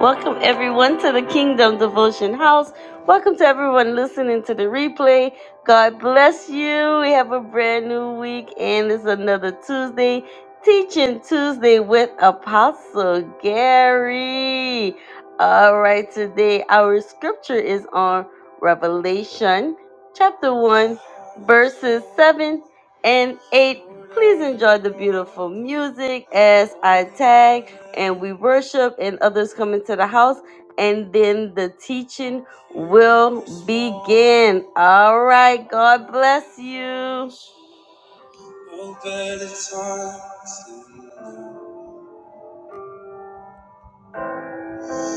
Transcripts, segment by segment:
Welcome everyone to the Kingdom Devotion House. Welcome to everyone listening to the replay. God bless you. We have a brand new week and it's another Tuesday, Teaching Tuesday with Apostle Gary. All right, today our scripture is on Revelation chapter 1 verses 7 and 8. Please enjoy the beautiful music as I tag and we worship and others come into the house and then the teaching will begin. All right, God bless you. No better time to-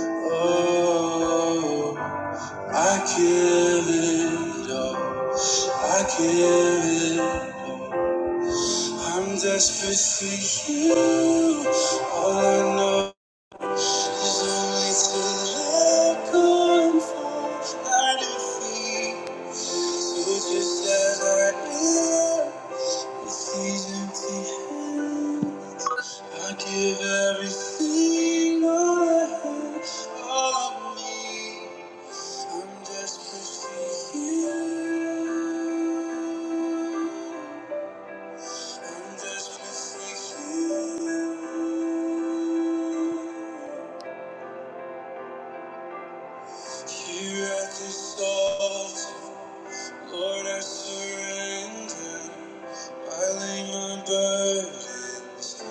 Oh, I give it up. I give it up. I'm desperate for you. All I know. There's always a let go and fall at your feet. So just as I am, with these empty hands, I give everything I have, all of me. I'm desperate for you. I'm desperate for you. Here at this altar, Lord, I surrender. I lay my burdens.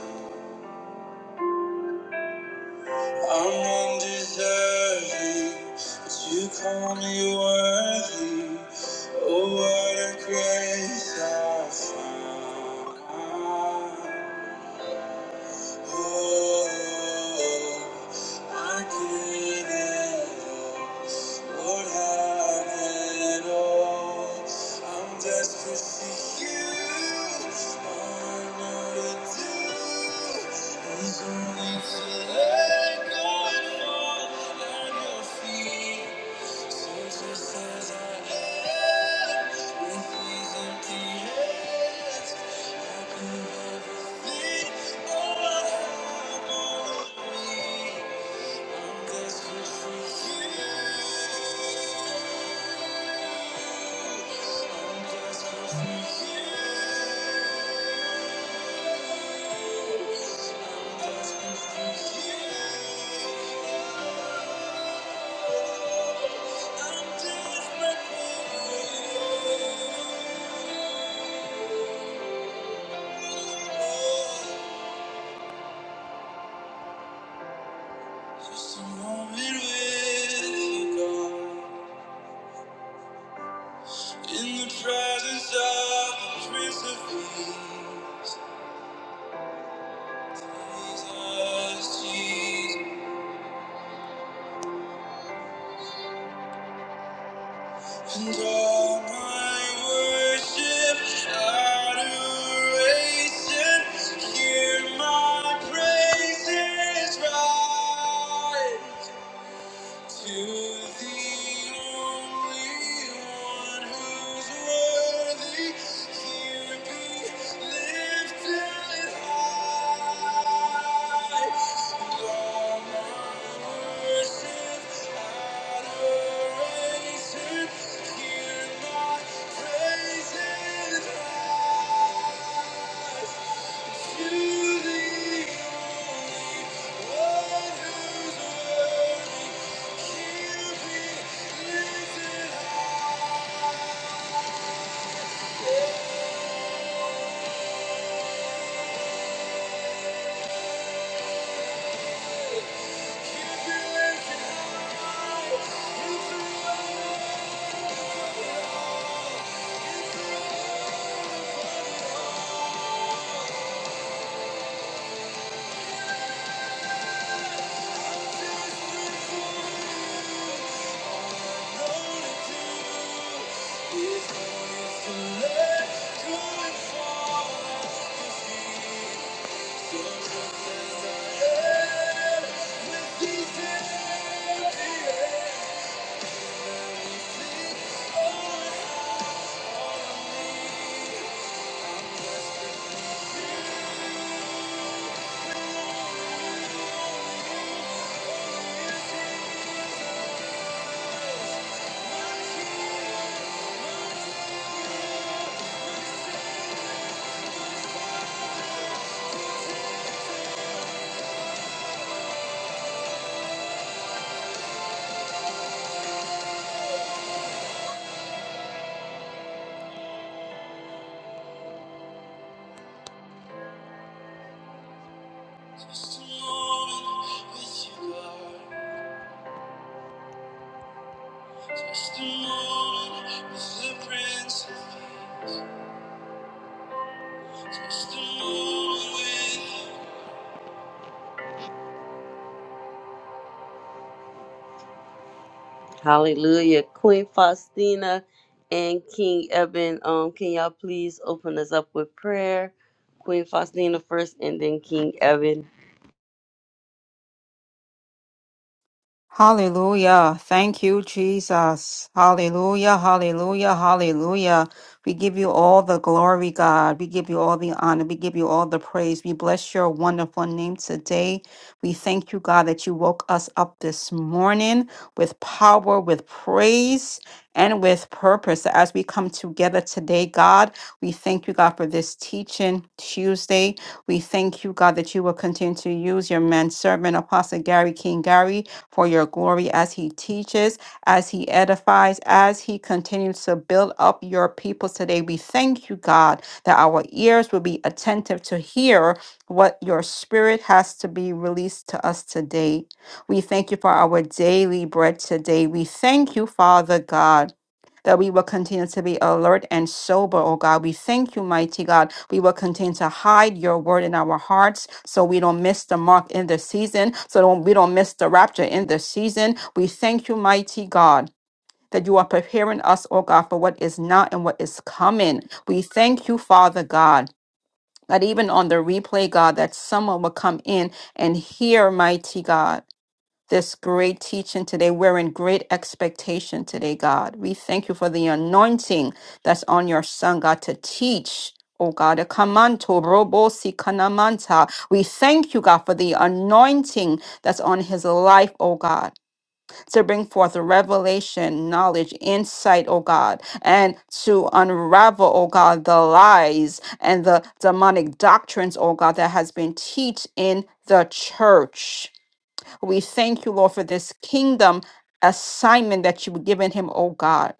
I'm undeserving, but you call me worthy. Oh, what a grace I found. There's only to let go and fall at your feet. Thank you. In the presence of the Prince of Peace, Jesus, and all my worship, adoration, hear my praises rise. To the only one who's worthy, here be lifted high. And all my worship, adoration, hear my praise and rise. Thank you. Just a moment with you, Just a moment with the Prince of Peace. Just a moment with you. Hallelujah. Queen Faustina and King Eben, um, can y'all please open us up with prayer? Queen Faustina first and then King Eben. Hallelujah. Thank you, Jesus. Hallelujah. Hallelujah. Hallelujah. We give you all the glory, God. We give you all the honor. We give you all the praise. We bless your wonderful name today. We thank you, God, that you woke us up this morning with power, with praise, and with purpose. As we come together today, God, we thank you, God, for this teaching Tuesday. We thank you, God, that you will continue to use your man servant, Apostle Gary King Gary for your glory as he teaches, as he edifies, as he continues to build up your people today. We thank you, God, that our ears will be attentive to hear what your spirit has to be released to us today. We thank you for our daily bread today. We thank you, Father God that we will continue to be alert and sober, oh God. We thank you, mighty God. We will continue to hide your word in our hearts so we don't miss the mark in the season, so don't- we don't miss the rapture in the season. We thank you, mighty God. That you are preparing us, oh God, for what is now and what is coming. We thank you, Father God, that even on the replay, God, that someone will come in and hear, mighty God this great teaching today. We're in great expectation today, God. We thank you for the anointing that's on your son, God, to teach. Oh God, a kamanto robo si kanamanta. We thank you, God, for the anointing that's on his life, oh God, to bring forth revelation, knowledge, insight, oh God, and to unravel, oh God, the lies and the demonic doctrines, oh God, that has been taught in the church. We thank you, Lord, for this kingdom assignment that you've given him, O God.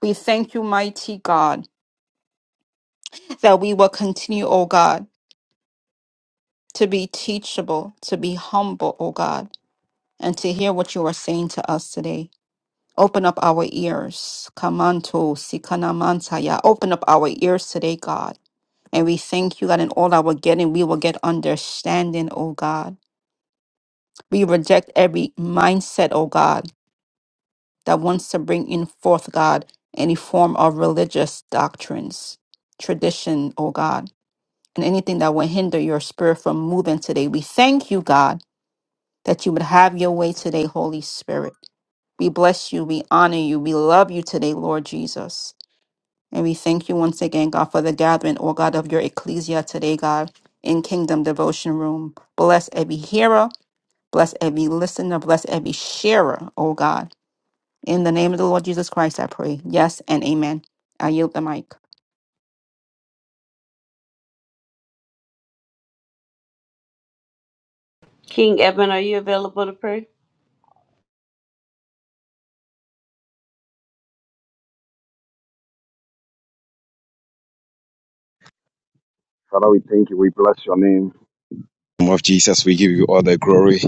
We thank you, mighty God, that we will continue, O God, to be teachable, to be humble, O God, and to hear what you are saying to us today. Open up our ears. Kamanto sikanamantaya. Open up our ears today, God. And we thank you, God, in all our getting, we will get understanding, O God. We reject every mindset, O God that wants to bring in forth, God, any form of religious doctrines, tradition, oh God, and anything that will hinder your spirit from moving today. We thank you, God, that you would have your way today, Holy Spirit. We bless you, we honor you, we love you today, Lord Jesus. And we thank you once again, God, for the gathering, oh God, of your ecclesia today, God, in Kingdom Devotion Room. Bless every hearer, bless every listener, bless every sharer, oh God. In the name of the Lord Jesus Christ, I pray. Yes and amen. I yield the mic. King Eben, are you available to pray? Father, we thank you. We bless your name. In the name of Jesus, we give you all the glory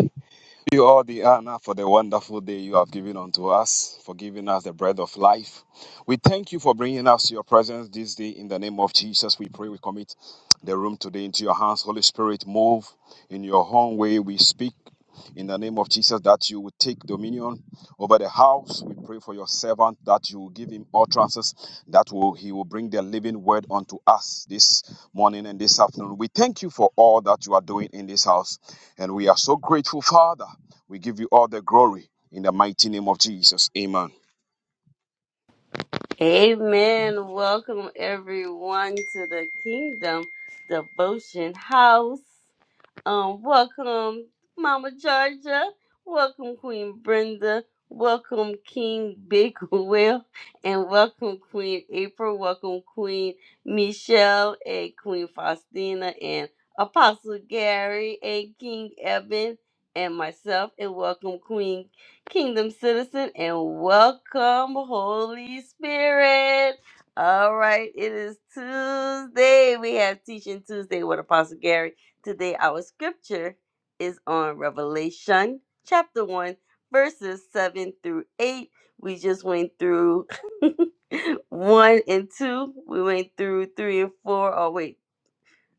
you all the honor for the wonderful day you have given unto us, for giving us the bread of life. We thank you for bringing us to your presence this day in the name of Jesus. We pray we commit the room today into your hands. Holy Spirit, move in your own way. We speak in the name of Jesus that you would take dominion over the house. We pray for your servant that you will give him utterances that will he will bring the living word unto us this morning and this afternoon. We thank you for all that you are doing in this house. And we are so grateful, Father. We give you all the glory in the mighty name of Jesus. Amen. Amen. Welcome everyone to the Kingdom Devotion House. Um, welcome, Mama Georgia. Welcome, Queen Brenda. Welcome, King Big Will. And welcome, Queen April. Welcome, Queen Michelle and Queen Faustina and Apostle Gary and King Evan and myself. And welcome, Queen Kingdom Citizen. And welcome, Holy Spirit. All right, it is Tuesday. We have Teaching Tuesday with Apostle Gary Today, our scripture is on Revelation chapter 1, verses 7 through 8. We just went through 1 and 2. We went through 3 and 4. Oh, wait,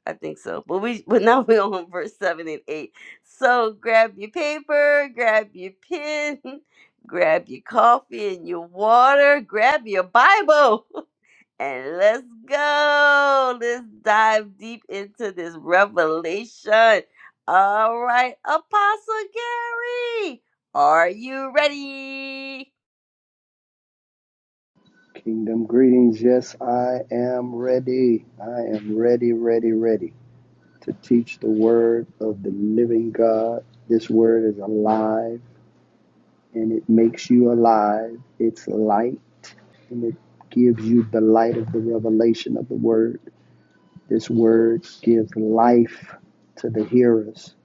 I think so. But we but now we're on verse 7 and 8. So grab your paper, grab your pen, grab your coffee and your water, grab your Bible. And let's go. Let's dive deep into this revelation. All right, Apostle Gary, are you ready? Kingdom greetings. Yes, I am ready. I am ready, ready, ready to teach the word of the living God. This word is alive and it makes you alive. It's light and it gives you the light of the revelation of the word. This word gives life to the hearers,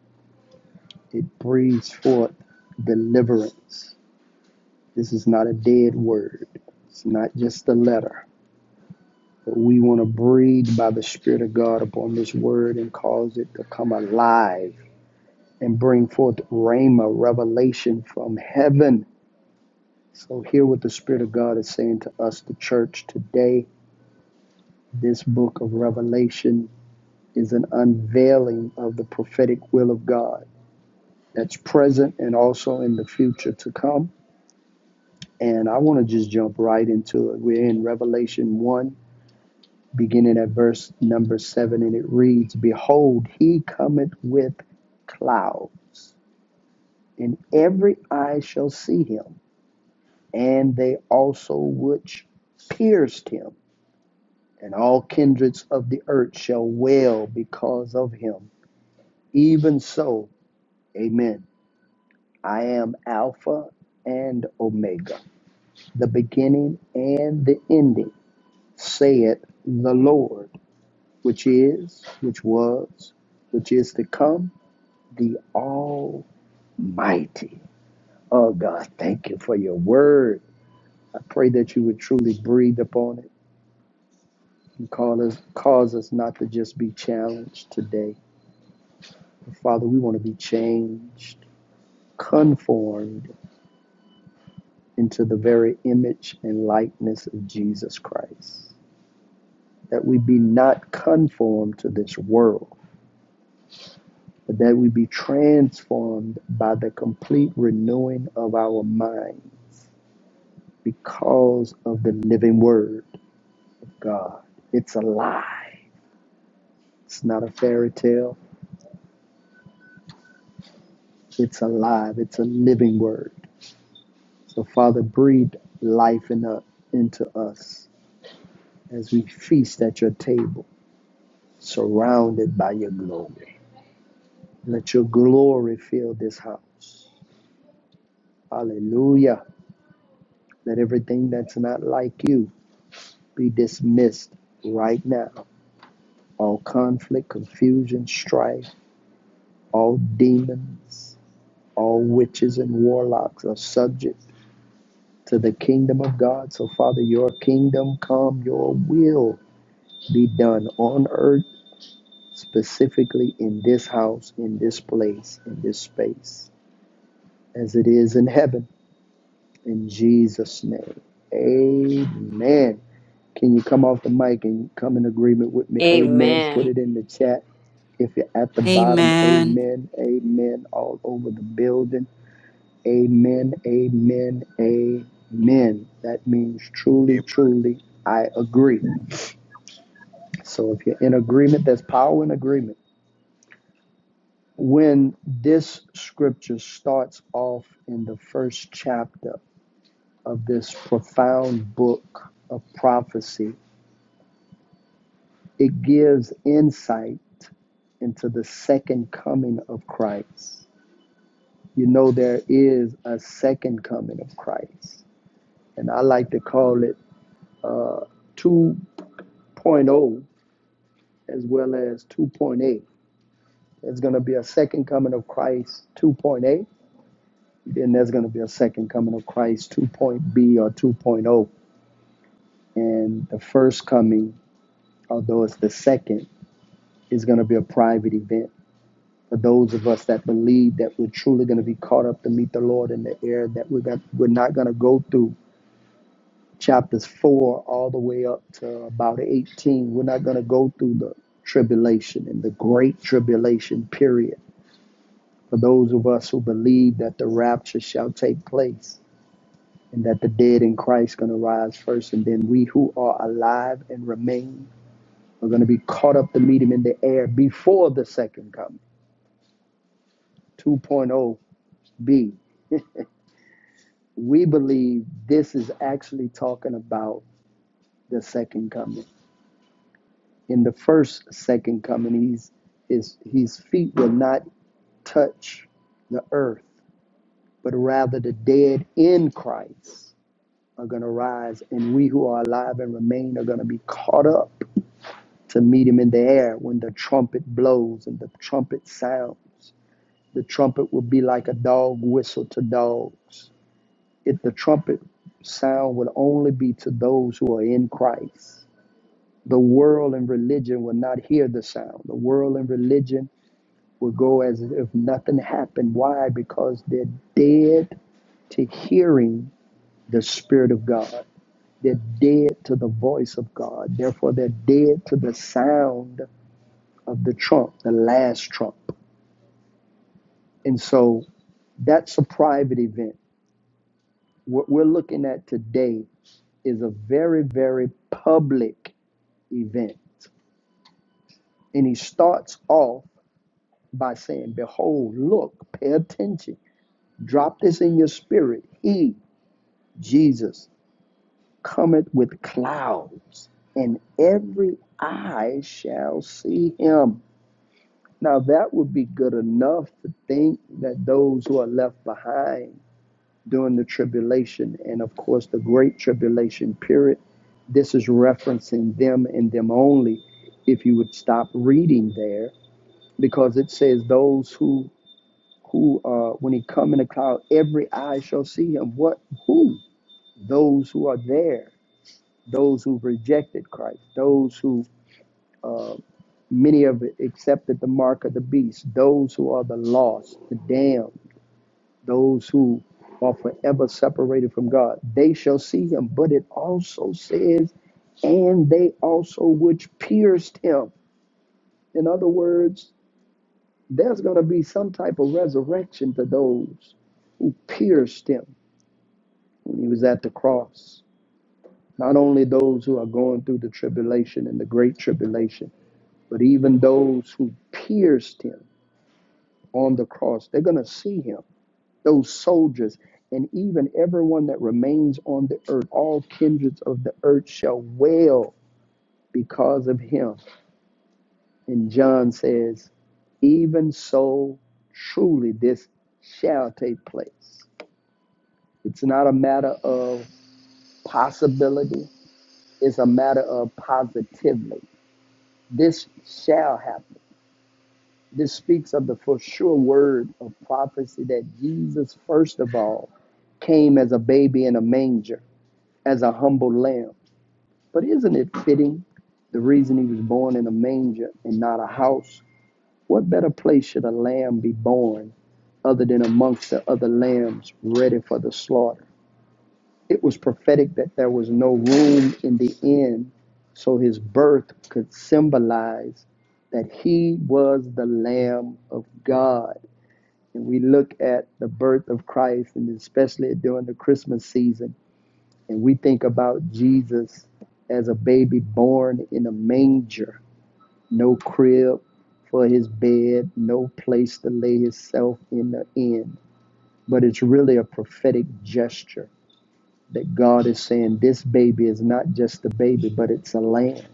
it breathes forth deliverance. This is not a dead word, it's not just a letter. We want to breathe by the Spirit of God upon this word and cause it to come alive and bring forth rhema, revelation from heaven. So, hear what the Spirit of God is saying to us, the church, today. This book of Revelation is an unveiling of the prophetic will of God that's present and also in the future to come. And I want to just jump right into it. We're in Revelation 1 beginning at verse number seven, and it reads, Behold, he cometh with clouds, and every eye shall see him, and they also which pierced him, and all kindreds of the earth shall wail because of him. Even so, amen. I am Alpha and Omega, the beginning and the ending, saith the Lord, which is, which was, which is to come the Almighty. Oh God, thank you for your word. I pray that you would truly breathe upon it and call us, cause us not to just be challenged today. Father, we want to be changed, conformed into the very image and likeness of Jesus Christ. That we be not conformed to this world, but that we be transformed by the complete renewing of our mind because of the living word. God. It's alive. It's not a fairy tale. It's alive. It's a living word. So, Father, breathe life in us, into us as we feast at your table, surrounded by your glory. Let your glory fill this house. Hallelujah. Let everything that's not like you be dismissed right now. All conflict, confusion, strife, all demons, all witches and warlocks are subject to the kingdom of God. So, Father, your kingdom come, your will be done on earth, specifically in this house, in this place, in this space, as it is in heaven. In Jesus' name. Amen. Can you come off the mic and come in agreement with me? Amen. Amen. Put it in the chat. If you're at the bottom, Amen. amen, amen, all over the building. Amen, amen, amen. That means Amen. truly, truly, I agree. So if you're in agreement, there's power in agreement. When this scripture starts off in the first chapter of this profound book of prophecy, it gives insight into the second coming of Christ. You know, there is a second coming of Christ, and I like to call it 2.0 as well as 2.8. There's going to be a second coming of Christ 2.8, then there's going to be a second coming of Christ 2.B or 2.0. And the first coming, although it's the second, is going to be a private event. For those of us that believe that we're truly going to be caught up to meet the Lord in the air, that we're, got, we're not going to go through chapters 4 all the way up to about 18. We're not going to go through the tribulation and the great tribulation period for those of us who believe that the rapture shall take place and that the dead in Christ going to rise first and then we who are alive and remain are going to be caught up to meet him in the air before the second coming 2.0b we believe this is actually talking about the second coming in the first second coming His his, his feet will not touch the earth but rather the dead in Christ are going to rise, and we who are alive and remain are going to be caught up to meet him in the air when the trumpet blows and the trumpet sounds. The trumpet will be like a dog whistle to dogs. If the trumpet sound would only be to those who are in Christ, the world and religion will not hear the sound. The world and religion will go as if nothing happened. Why? Because they're dead to hearing the Spirit of God. They're dead to the voice of God. Therefore, they're dead to the sound of the trump, the last trump. And so that's a private event. What we're looking at today is a very, very public event. And he starts off by saying, Behold, look, pay attention, drop this in your spirit. He, Jesus, cometh with clouds, and every eye shall see him Now, that would be good enough to think that those who are left behind during the tribulation, and of course, the great tribulation period, this is referencing them and them only. If you would stop reading there, because it says those who who uh, when he come in the cloud, every eye shall see him. What who? Those who are there, those who rejected Christ, those who many of it accepted the mark of the beast, those who are the lost, the damned those who are forever separated from God. They shall see him. But it also says, and they also which pierced him. In other words, there's going to be some type of resurrection to those who pierced him when he was at the cross. Not only those who are going through the tribulation and the great tribulation, but even those who pierced him on the cross, they're going to see him those soldiers, and even everyone that remains on the earth, all kindreds of the earth shall wail because of him. And John says, Even so, truly this shall take place. It's not a matter of possibility, it's a matter of positively. This shall happen. This speaks of the for sure word of prophecy that Jesus, first of all, came as a baby in a manger, as a humble lamb But isn't it fitting the reason he was born in a manger and not a house? What better place should a lamb be born other than amongst the other lambs ready for the slaughter? It was prophetic that there was no room in the inn, so his birth could symbolize that he was the Lamb of God. And we look at the birth of Christ, and especially during the Christmas season and we think about Jesus as a baby born in a manger, no crib for his bed, no place to lay himself in the end. But it's really a prophetic gesture that God is saying this baby is not just a baby, but it's a lamb.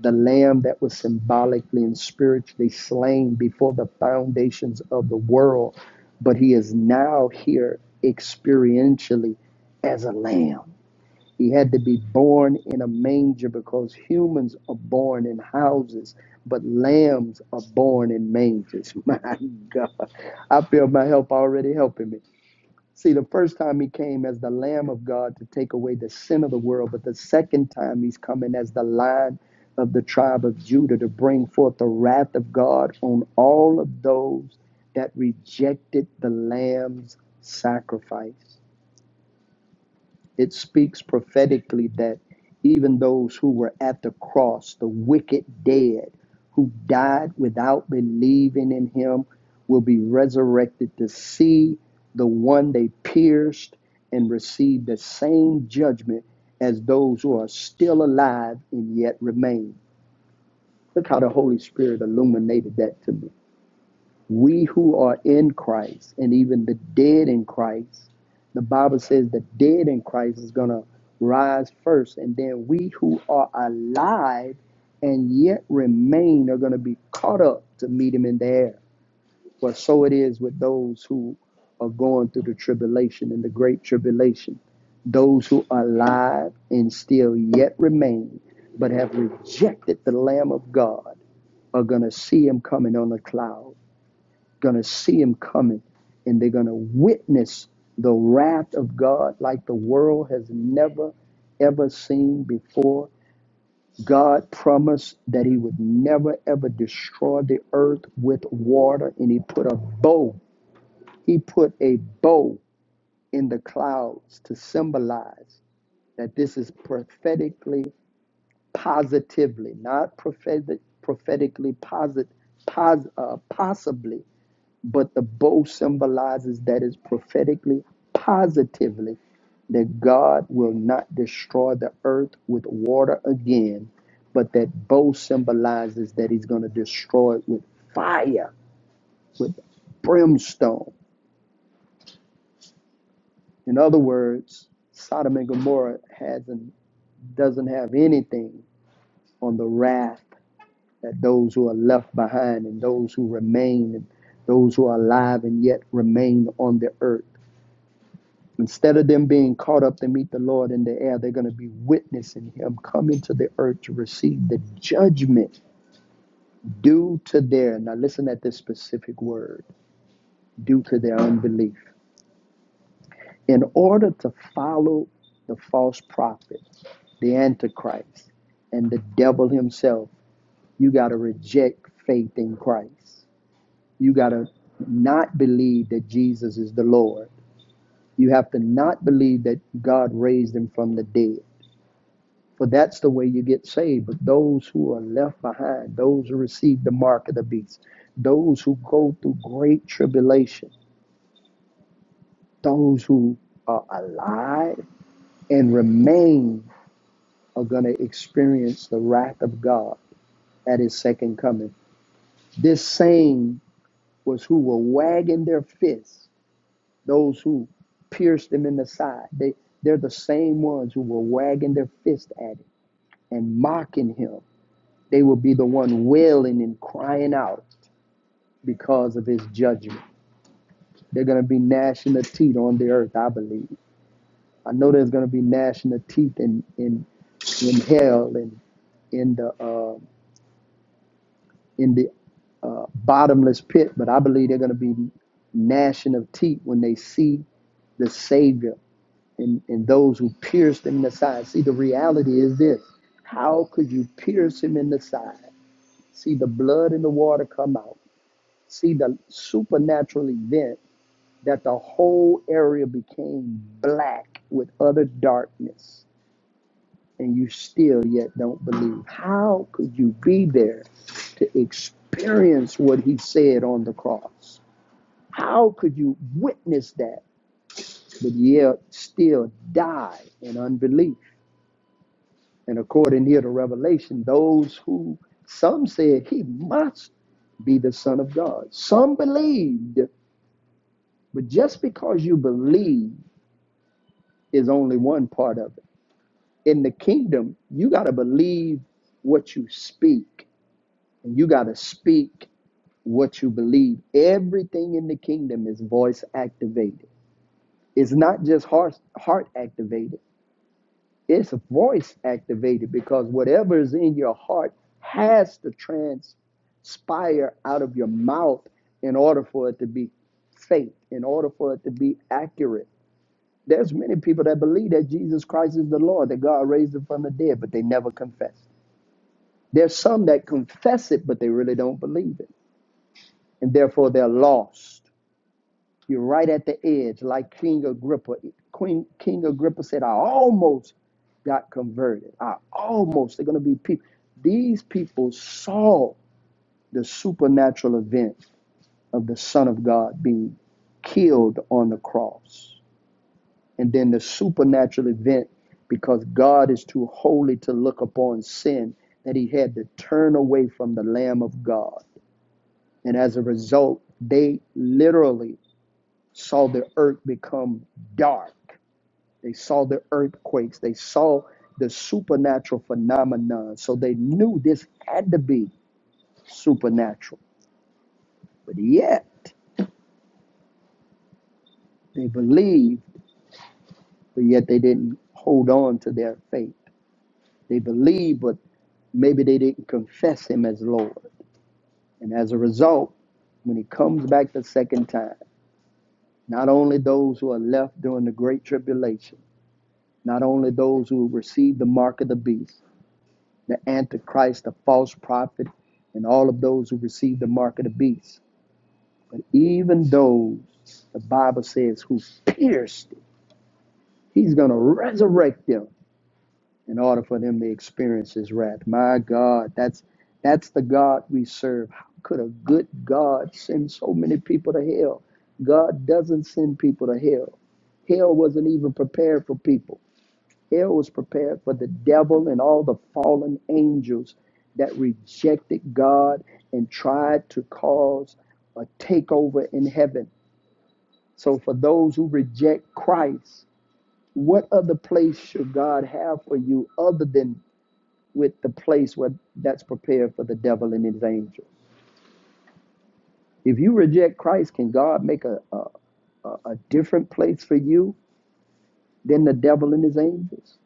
The lamb that was symbolically and spiritually slain before the foundations of the world, but he is now here experientially as a lamb he had to be born in a manger because humans are born in houses, but lambs are born in mangers. My God. I feel my help already helping me. See, the first time he came as the Lamb of God to take away the sin of the world, but the second time he's coming as the Lion of the tribe of Judah to bring forth the wrath of God on all of those that rejected the Lamb's sacrifice. It speaks prophetically that even those who were at the cross, the wicked dead, who died without believing in him, will be resurrected to see the one they pierced and receive the same judgment as those who are still alive and yet remain. Look how the Holy Spirit illuminated that to me we who are in Christ and even the dead in Christ, the Bible says the dead in Christ is going to rise first. And then we who are alive and yet remain are going to be caught up to meet him in the air. Well, so it is with those who are going through the tribulation and the great tribulation. Those who are alive and still yet remain, but have rejected the Lamb of God, are going to see him coming on the cloud going to see him coming and they're going to witness the wrath of God like the world has never ever seen before. God promised that he would never ever destroy the earth with water and he put a bow. He put a bow in the clouds to symbolize that this is prophetically positively, not prophetic, prophetically posit, pos, uh, possibly but the bow symbolizes that is prophetically, positively, that God will not destroy the earth with water again, but that bow symbolizes that He's going to destroy it with fire, with brimstone. In other words, Sodom and Gomorrah hasn't, doesn't have anything on the wrath that those who are left behind and those who remain and those who are alive and yet remain on the earth. Instead of them being caught up to meet the Lord in the air, they're going to be witnessing Him coming to the earth to receive the judgment due to their, now listen at this specific word, due to their unbelief. In order to follow the false prophet, the Antichrist, and the devil himself, you got to reject faith in Christ. You got to not believe that Jesus is the Lord. You have to not believe that God raised him from the dead. For that's the way you get saved. But those who are left behind, those who receive the mark of the beast, those who go through great tribulation, those who are alive and remain are going to experience the wrath of God at his second coming. This same was who were wagging their fists, those who pierced him in the side. They, they're the same ones who were wagging their fist at him and mocking him. They will be the one wailing and crying out because of his judgment. They're going to be gnashing the teeth on the earth, I believe. I know there's going to be gnashing the teeth in in in hell and in the uh, in the uh, bottomless pit, but I believe they're going to be gnashing of teeth when they see the Savior and, and those who pierced him in the side. See, the reality is this: How could you pierce him in the side? See the blood and the water come out. See the supernatural event that the whole area became black with utter darkness, and you still yet don't believe. How could you be there to experience what he said on the cross? How could you witness that, but yet still die in unbelief? And according here to Revelation, those who some said he must be the Son of God. Some believed, but just because you believe is only one part of it. in the kingdom, you got to believe what you speak, and you got to speak what you believe. Everything in the kingdom is voice activated. It's not just heart heart activated. It's voice activated because whatever is in your heart has to transpire out of your mouth in order for it to be faith, in order for it to be accurate. There's many people that believe that Jesus Christ is the Lord, that God raised him from the dead, but they never confess. There's some that confess it, but they really don't believe it, and therefore they're lost. You're right at the edge, like King Agrippa. Queen King Agrippa said, "I almost got converted. I almost." They're going to be people. These people saw the supernatural event of the Son of God being killed on the cross, and then the supernatural event because God is too holy to look upon sin that He had to turn away from the Lamb of God And as a result, they literally saw the earth become dark. They saw the earthquakes. They saw the supernatural phenomena. So they knew this had to be supernatural. But yet, they believed, but yet they didn't hold on to their faith. They believed, but maybe they didn't confess him as Lord. And as a result, when he comes back the second time, not only those who are left during the Great Tribulation, Not only those who receive the mark of the beast, the Antichrist, the false prophet, and all of those who receive the mark of the beast, but even those, the Bible says, who pierced it, he's going to resurrect them in order for them to experience his wrath. My God, that's that's the God we serve. How could a good God send so many people to hell? God doesn't send people to hell. Hell wasn't even prepared for people Hell was prepared for the devil and all the fallen angels that rejected God and tried to cause a takeover in heaven. So, for those who reject Christ, what other place should God have for you other than with the place where that's prepared for the devil and his angels? If you reject Christ, can God make a, a, a different place for you than the devil and his angels?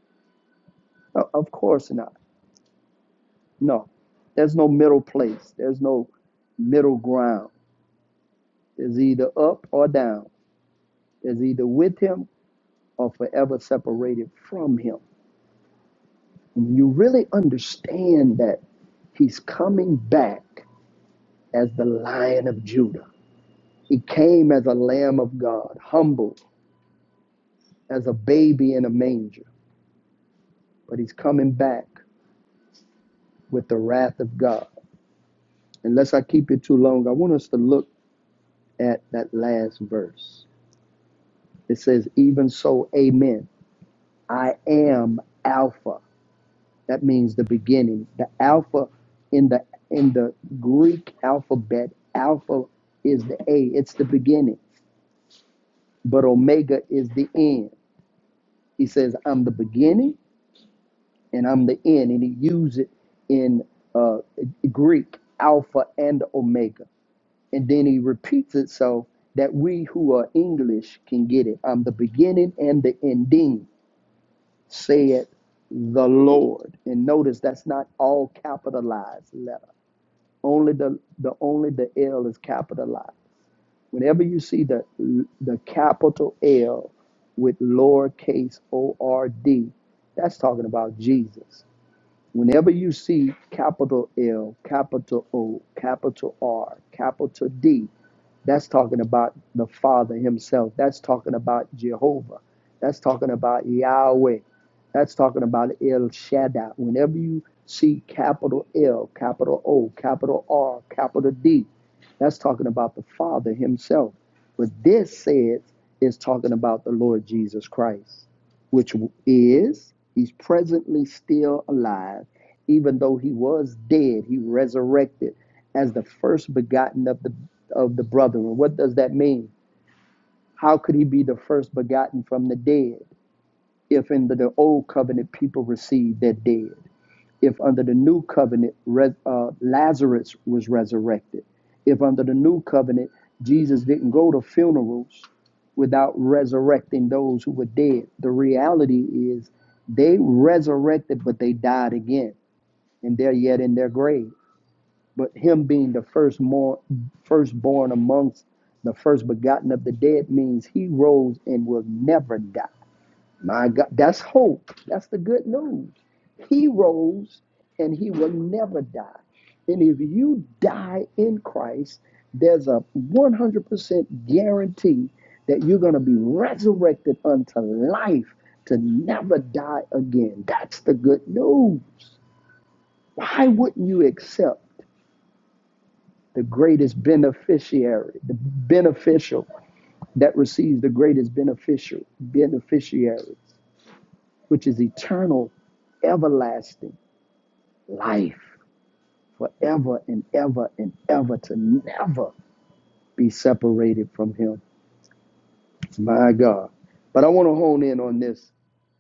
O- Of course not. No, there's no middle place. There's no middle ground. It's either up or down. It's either with him or forever separated from him. When you really understand that he's coming back as the lion of Judah. He came as a lamb of God, humble as a baby in a manger, but he's coming back with the wrath of God. Unless I keep it too long, I want us to look at that last verse. It says, Even so, amen. I am Alpha. That means the beginning. The Alpha in the in the Greek alphabet, Alpha is the A. It's the beginning. But Omega is the end. He says, "I'm the beginning and I'm the end," and he used it in uh, Greek Alpha and Omega. And then he repeats it so that we who are English can get it. I'm the beginning and the ending. said the Lord. And notice that's not all capitalized letter. Only the, the only the L is capitalized. Whenever you see the the capital L with lowercase O R D, that's talking about Jesus. Whenever you see capital L, capital O, capital R, capital D, that's talking about the Father Himself. That's talking about Jehovah. That's talking about Yahweh. That's talking about El Shaddai. Whenever you see capital L, capital O, capital R, capital D, that's talking about the Father Himself. But this says is talking about the Lord Jesus Christ, which is, He's presently still alive. Even though He was dead, He resurrected as the first begotten of the of the brethren. What does that mean? How could he be the first begotten from the dead if in the, the old covenant people received their dead? If under the new covenant res, uh, Lazarus was resurrected? If under the new covenant Jesus didn't go to funerals without resurrecting those who were dead? The reality is they resurrected, but they died again and they're yet in their grave but him being the first more firstborn amongst the first begotten of the dead means he rose and will never die. My God, that's hope. That's the good news. He rose and he will never die. And if you die in Christ, there's a 100% guarantee that you're going to be resurrected unto life to never die again. That's the good news. Why wouldn't you accept? the greatest beneficiary, the beneficial that receives the greatest beneficial beneficiaries, which is eternal, everlasting life forever and ever and ever to never be separated from him. My God. But I want to hone in on this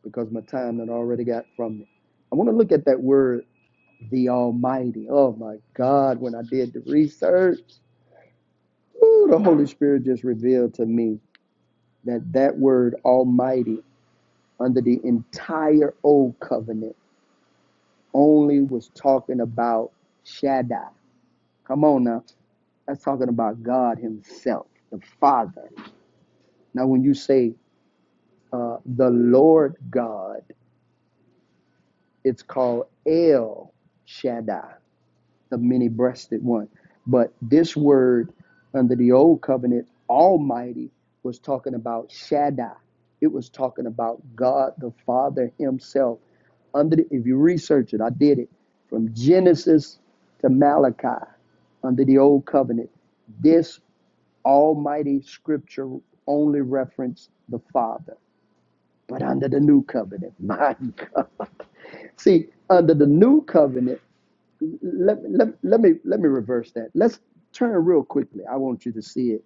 because my time that I already got from me. I want to look at that word, the Almighty. Oh my God, when I did the research, ooh, the Holy Spirit just revealed to me that that word almighty under the entire old covenant only was talking about Shaddai. Come on now. That's talking about God himself, the Father. Now, when you say uh, the Lord God, it's called El Shaddai. the many breasted one. But this word under the old covenant, Almighty, was talking about Shaddai. It was talking about God the Father Himself. Under the, if you research it, I did it from Genesis to Malachi under the old covenant. This Almighty Scripture only referenced the Father, but under the new covenant, my God. See, under the new covenant let, let, let me let me reverse that. Let's turn real quickly. I want you to see it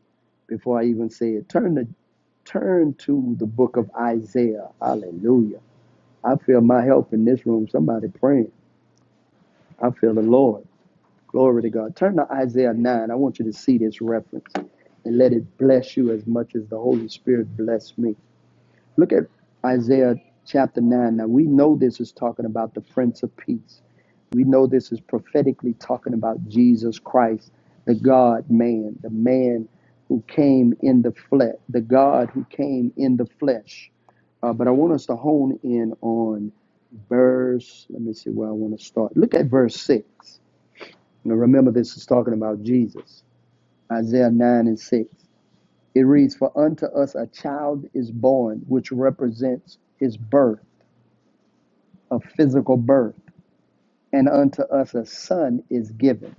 before I even say it. Turn the turn to the book of Isaiah. Hallelujah. I feel my help in this room. Somebody praying. I feel the Lord. Glory to God. Turn to Isaiah 9. I want you to see this reference and let it bless you as much as the Holy Spirit blessed me. Look at Isaiah chapter 9. Now we know this is talking about the Prince of Peace. We know this is prophetically talking about Jesus Christ, the God man, the man who came in the flesh, the God who came in the flesh. Uh, but I want us to hone in on verse, let me see where I want to start. Look at verse 6. Now remember, this is talking about Jesus. Isaiah 9 and 6. It reads, For unto us a child is born, which represents his birth, a physical birth, and unto us a son is given.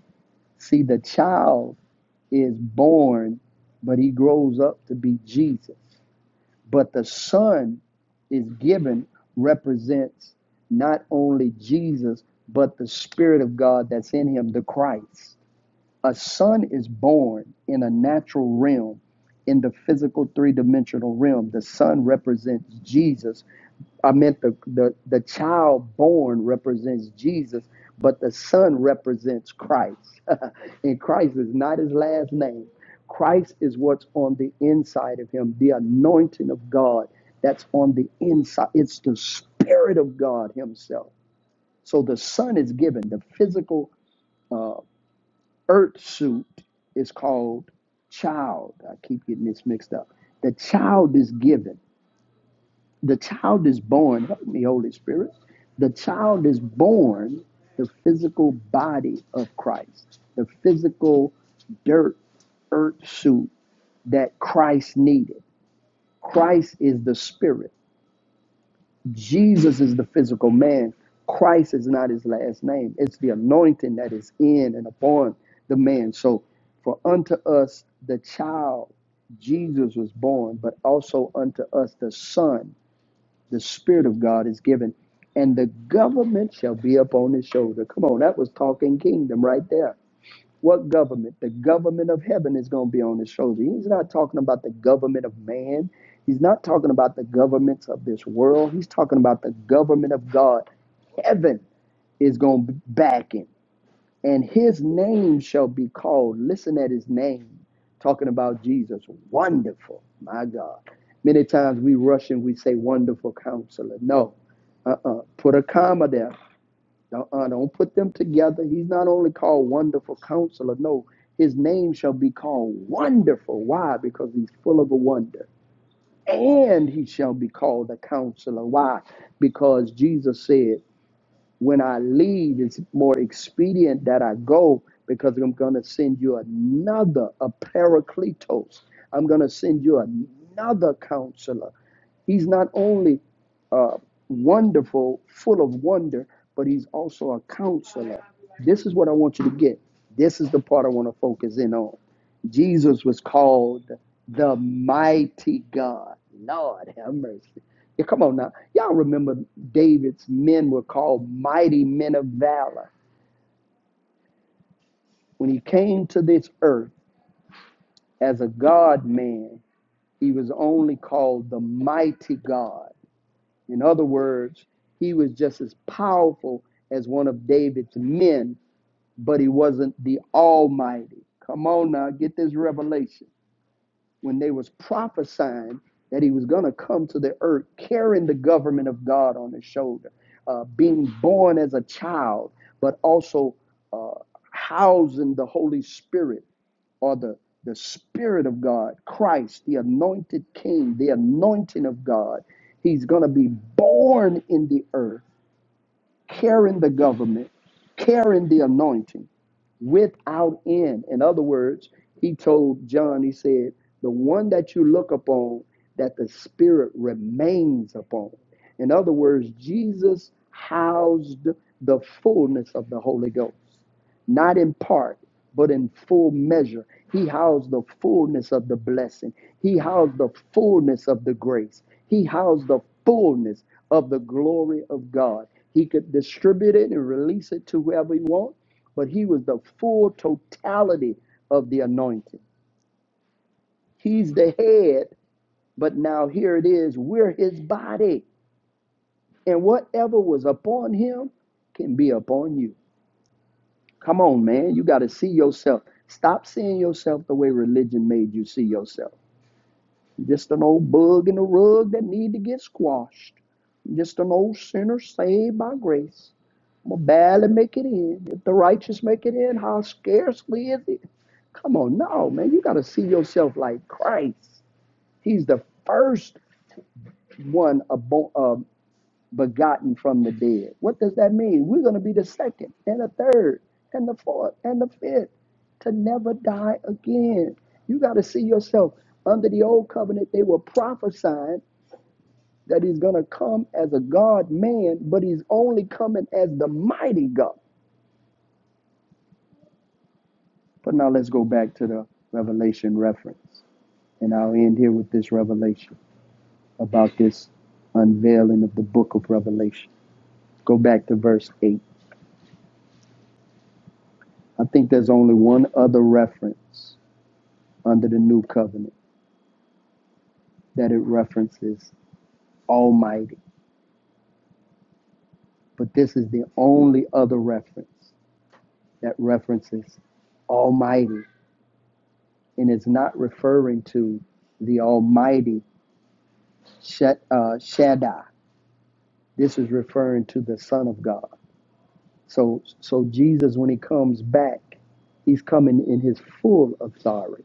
See, the child is born, but he grows up to be Jesus. But the son is given represents not only Jesus, but the Spirit of God that's in him, the Christ. A son is born in a natural realm, in the physical three dimensional realm. The son represents Jesus, I meant the, the, the child born represents Jesus, but the son represents Christ. and Christ is not his last name. Christ is what's on the inside of him, the anointing of God that's on the inside. It's the Spirit of God Himself. So the son is given the physical uh, earth suit is called child. I keep getting this mixed up. The child is given. The child is born, help me, Holy Spirit. The child is born the physical body of Christ, the physical dirt, earth suit that Christ needed. Christ is the spirit. Jesus is the physical man. Christ is not his last name. It's the anointing that is in and upon the man. So, for unto us the child Jesus was born, but also unto us the son the Spirit of God is given, and the government shall be upon his shoulder. Come on, that was talking kingdom right there. What government? The government of heaven is going to be on his shoulder. He's not talking about the government of man. He's not talking about the governments of this world. He's talking about the government of God. Heaven is going to back him. And his name shall be called. Listen at his name. Talking about Jesus. Wonderful. My God. Many times we rush and we say, Wonderful counselor. No uh-uh. Put a comma there. Uh-uh. Don't put them together. He's not only called Wonderful Counselor. No, his name shall be called Wonderful. Why? Because he's full of a wonder. And he shall be called a counselor. Why? Because Jesus said, when I leave, it's more expedient that I go because I'm going to send you another, a paracletos. I'm going to send you another counselor. He's not only uh, wonderful, full of wonder, but he's also a counselor. This is what I want you to get. This is the part I want to focus in on. Jesus was called the mighty God. Lord have mercy. Yeah, come on now. Y'all remember David's men were called mighty men of valor. When he came to this earth as a God man, he was only called the mighty God. In other words, he was just as powerful as one of David's men, but he wasn't the Almighty. Come on now, get this revelation. When they was prophesying that he was going to come to the earth carrying the government of God on his shoulder, uh, being born as a child, but also uh, housing the Holy Spirit or the, the Spirit of God, Christ, the anointed King, the anointing of God. He's going to be born in the earth, carrying the government, carrying the anointing without end. In other words, he told John, he said, the one that you look upon, that the Spirit remains upon. In other words, Jesus housed the fullness of the Holy Ghost, not in part, but in full measure. He housed the fullness of the blessing, He housed the fullness of the grace, He housed the fullness of the glory of God. He could distribute it and release it to whoever He wants but he was the full totality of the anointing. He's the head, but now here it is, we're his body. And whatever was upon him can be upon you. Come on, man. You got to see yourself. Stop seeing yourself the way religion made you see yourself. Just an old bug in the rug that need to get squashed. Just an old sinner saved by grace. I'm gonna barely make it in. If the righteous make it in, how scarcely is it? Come on, no, man. You got to see yourself like Christ. He's the first one abo- uh, begotten from the dead. What does that mean? We're going to be the second and the third and the fourth and the fifth to never die again. You got to see yourself under the old covenant. They were prophesying that he's going to come as a God man, but he's only coming as the mighty God. But now let's go back to the Revelation reference. And I'll end here with this revelation. about this unveiling of the book of Revelation. Go back to verse 8. I think there's only one other reference under the new covenant that it references Almighty, but this is the only other reference that references Almighty, and it's not referring to the Almighty uh, Shaddai. This is referring to the Son of God. So, so Jesus, when he comes back, he's coming in his full authority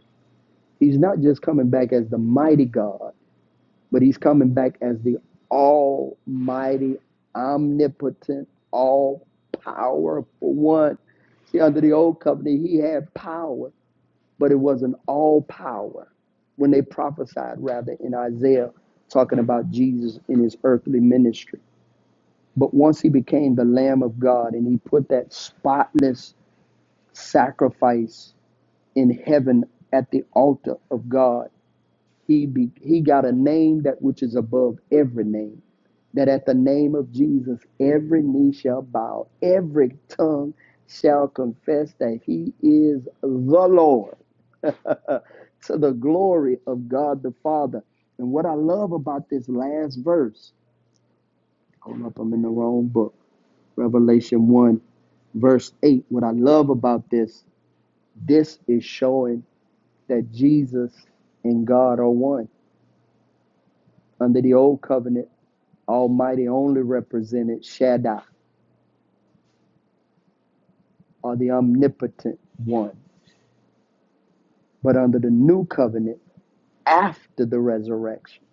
He's not just coming back as the mighty God, but he's coming back as the almighty, omnipotent, all powerful one. See, under the old covenant, he had power, but it wasn't all power. When they prophesied, rather, in Isaiah, talking about Jesus in his earthly ministry. But once he became the Lamb of God and he put that spotless sacrifice in heaven at the altar of God He be, he got a name that which is above every name. That at the name of Jesus, every knee shall bow, every tongue shall confess that he is the Lord to the glory of God the Father. And what I love about this last verse, hold up, I'm in the wrong book, Revelation 1, verse 8. What I love about this, this is showing that Jesus and God are one. Under the old covenant, Almighty only represented Shaddai, or the omnipotent one. But under the new covenant, after the resurrection,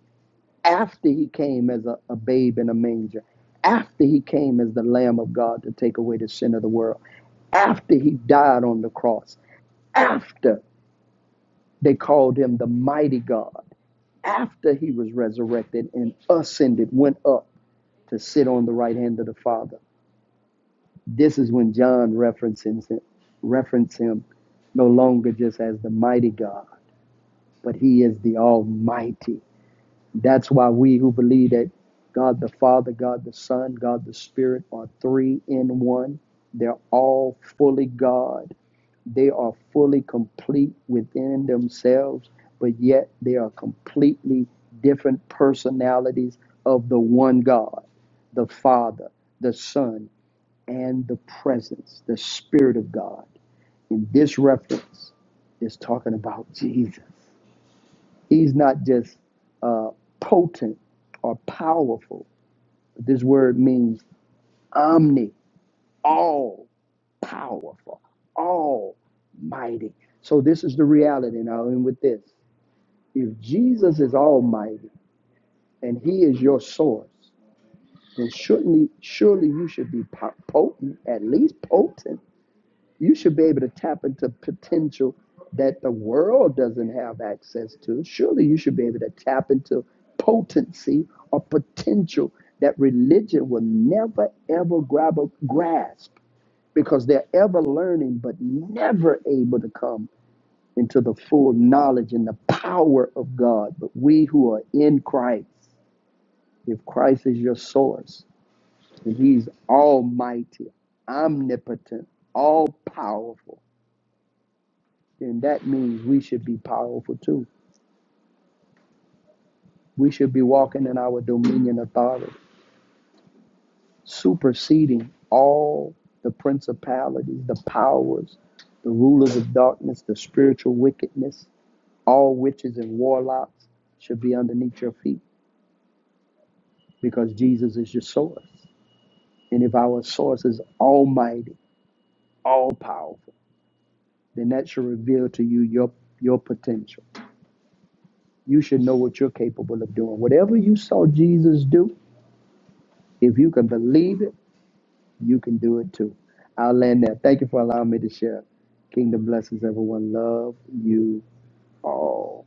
after he came as a, a babe in a manger, after he came as the Lamb of God to take away the sin of the world, after he died on the cross, after they called him the mighty God, after he was resurrected and ascended, went up to sit on the right hand of the Father This is when John references him, reference him no longer just as the mighty God, but he is the Almighty. That's why we who believe that God the Father, God the Son, God the Spirit are three in one, they're all fully God. They are fully complete within themselves, but yet they are completely different personalities of the one God, the Father, the Son, and the presence, the Spirit of God. In this reference, is talking about Jesus. He's not just uh, potent or powerful. This word means omni, all powerful, almighty. So this is the reality now. And with this, if Jesus is almighty and He is your source, then surely, surely you should be potent, at least potent You should be able to tap into potential that the world doesn't have access to. Surely you should be able to tap into potency or potential that religion will never ever grab a grasp because they're ever learning but never able to come into the full knowledge and the power of God. But we who are in Christ, if Christ is your source, and He's almighty, omnipotent, all powerful. then that means we should be powerful too. We should be walking in our dominion authority, superseding all the principalities, the powers, the rulers of darkness, the spiritual wickedness, all witches and warlocks should be underneath your feet because Jesus is your source. And if our source is almighty, all powerful, then that should reveal to you your your potential. You should know what you're capable of doing. Whatever you saw Jesus do, if you can believe it You can do it too. I'll land there. Thank you for allowing me to share. Kingdom blessings, everyone. Love you all.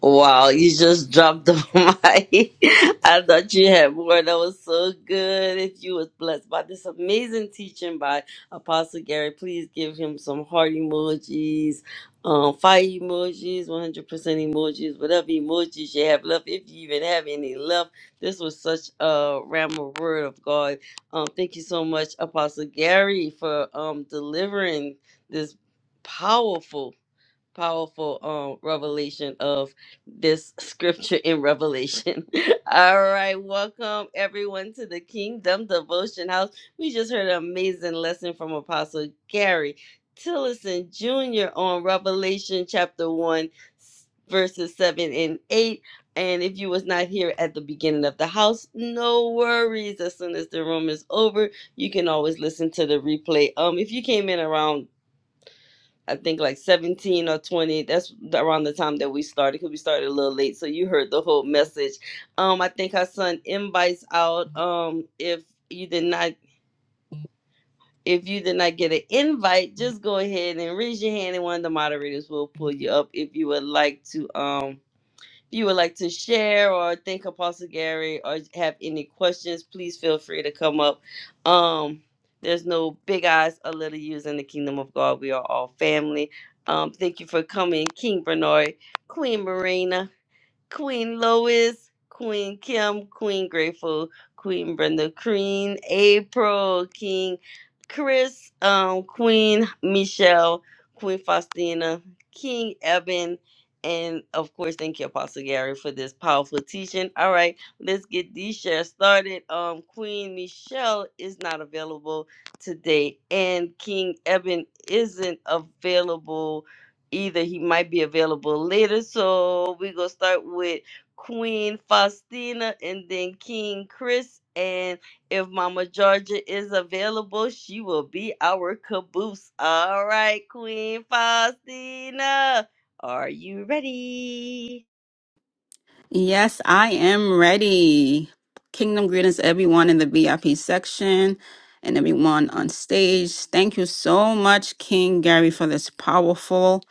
Wow, you just dropped the mic. I thought you had more. That was so good. If you was blessed by this amazing teaching by Apostle Gary, please give him some heart emojis, um, fire emojis, 100% emojis, whatever emojis you have left, if you even have any left. This was such a ram of word of God. Um, thank you so much, Apostle Gary, for um delivering this powerful powerful um revelation of this scripture in revelation all right welcome everyone to the kingdom devotion house we just heard an amazing lesson from apostle gary tillison jr on revelation chapter 1 s- verses 7 and 8 and if you was not here at the beginning of the house no worries as soon as the room is over you can always listen to the replay um if you came in around I think like 17 or 20. That's the- around the time that we started because we started a little late. So you heard the whole message. Um, I think her son invites out. Um, if you did not, if you did not get an invite, just go ahead and raise your hand and one of the moderators will pull you up if you would like to. Um, you would like to share or thank Apostle Gary or have any questions, please feel free to come up. Um, there's no big eyes or little U's in the kingdom of God. We are all family. Um, thank you for coming, King Bernard, Queen Marina. Queen Lois, Queen Kim, Queen Grateful, Queen Brenda, Queen April, King Chris, um, Queen Michelle, Queen Faustina, King Eben, and of course, thank you, Apostle Gary, for this powerful teaching. All right, let's get these shares started. Um, Queen Michelle is not available today, and King Eben isn't available either he might be available later. So we're gonna start with Queen Faustina and then King Chris. And if Mama Georgia is available, she will be our caboose. All right, Queen Faustina. Are you ready? Yes, I am ready. Kingdom greetings, to everyone in the VIP section and everyone on stage. Thank you so much, King Gary, for this powerful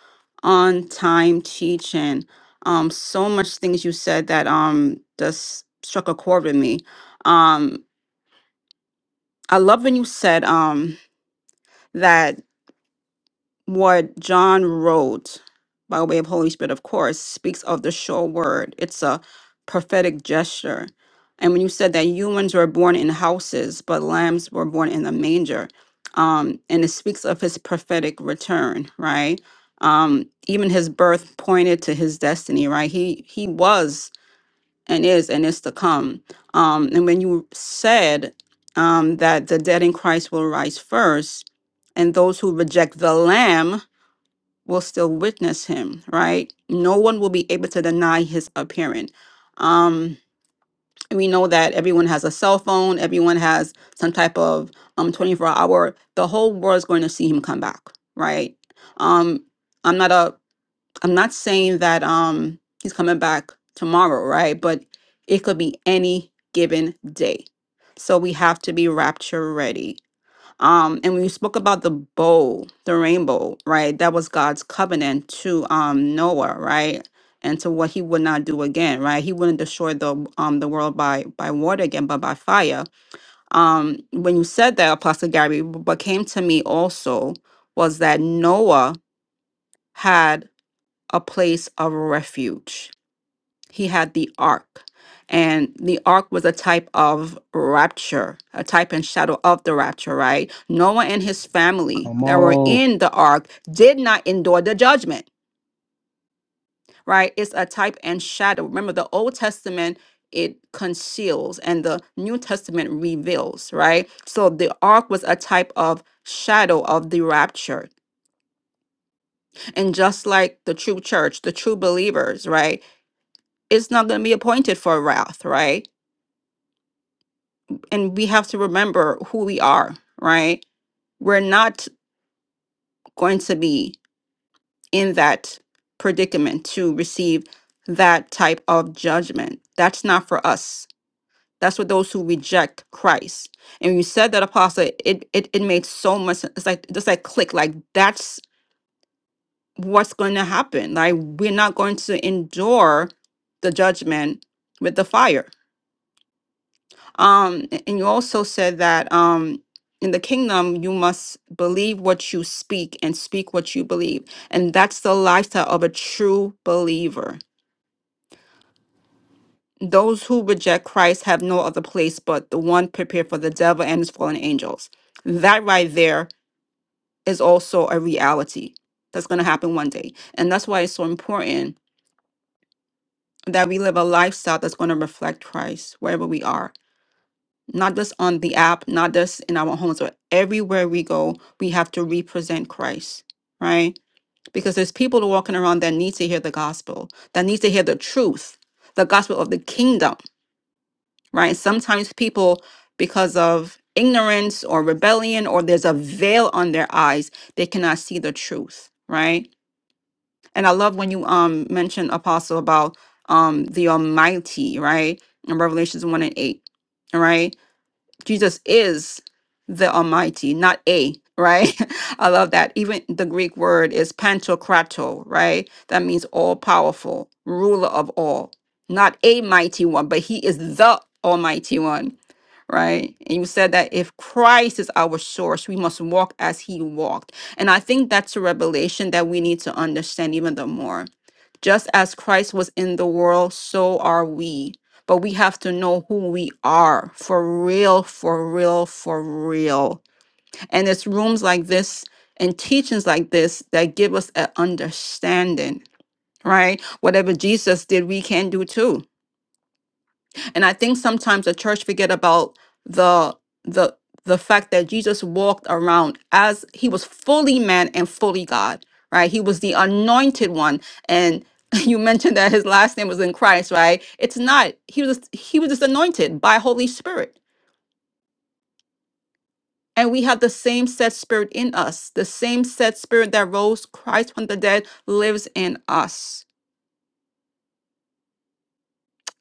on time teaching. Um, so much things you said that um just struck a chord with me. Um, I love when you said um that what John wrote by way of Holy Spirit, of course, speaks of the sure word. It's a prophetic gesture. And when you said that humans were born in houses, but lambs were born in a manger, um, and it speaks of his prophetic return, right? Um, even his birth pointed to his destiny, right? He he was and is and is to come. Um, and when you said um, that the dead in Christ will rise first, and those who reject the Lamb will still witness him, right? No one will be able to deny his appearance. Um, we know that everyone has a cell phone, everyone has some type of um 24 hour, the whole world's going to see him come back, right? Um, I'm not a I'm not saying that um he's coming back tomorrow, right? But it could be any given day. So we have to be rapture ready um and when you spoke about the bow the rainbow right that was god's covenant to um noah right and to what he would not do again right he wouldn't destroy the um the world by by water again but by fire um when you said that apostle gary what came to me also was that noah had a place of refuge he had the ark and the ark was a type of rapture a type and shadow of the rapture right noah and his family Come that were on. in the ark did not endure the judgment right it's a type and shadow remember the old testament it conceals and the new testament reveals right so the ark was a type of shadow of the rapture and just like the true church the true believers right it's not going to be appointed for wrath right and we have to remember who we are, right? We're not going to be in that predicament to receive that type of judgment. That's not for us. That's for those who reject Christ. And you said that apostle, it it, it made so much sen- it's like just like click, like that's what's going to happen. Like we're not going to endure the judgment with the fire Um, a- and you also said that um, in the kingdom, you must believe what you speak and speak what you believe. And that's the lifestyle of a true believer. Those who reject Christ have no other place but the one prepared for the devil and his fallen angels. That right there is also a reality that's going to happen one day. And that's why it's so important that we live a lifestyle that's going to reflect Christ wherever we are not just on the app, not just in our homes, but everywhere we go, we have to represent Christ, right? Because there's people walking around that need to hear the gospel, that need to hear the truth, the gospel of the kingdom, right? Sometimes people, because of ignorance or rebellion, or there's a veil on their eyes, they cannot see the truth, right? And I love when you um mentioned apostle about um the Almighty, right? In Revelations one and eight, right? Jesus is the Almighty, not a, right? I love that. Even the Greek word is pantokrator, right? That means all powerful, ruler of all, not a mighty one, but he is the Almighty one, right? And you said that if Christ is our source, we must walk as he walked. And I think that's a revelation that we need to understand even the more just as Christ was in the world, so are we. But we have to know who we are for real, for real, for real. And it's rooms like this and teachings like this that give us an understanding, right? Whatever Jesus did, we can do too and I think sometimes the church forget about the the the fact that Jesus walked around as he was fully man and fully God, right? He was the anointed one. And you mentioned that his last name was in Christ, right? It's not. He was just, he was just anointed by Holy Spirit. And we have the same set spirit in us. The same set spirit that rose Christ from the dead lives in us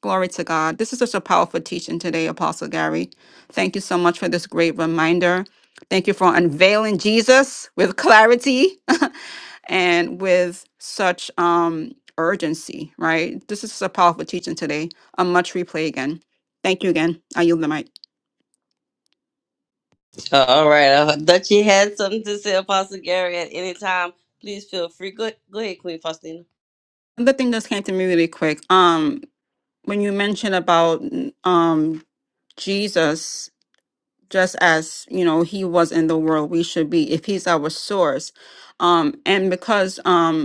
Glory to God. This is such a powerful teaching today, Apostle Gary. Thank you so much for this great reminder. Thank you for unveiling Jesus with clarity and with such um urgency, right? This is a powerful teaching today. A much replay again. Thank you again. I yield the mic. All right. I thought you had something to say, Apostle Gary, at any time. Please feel free. Go, go ahead, Queen Faustina. Another thing that came to me really quick. Um, when you mentioned about mm, um Jesus just as you know he was in the world we should be if he's our source um and because um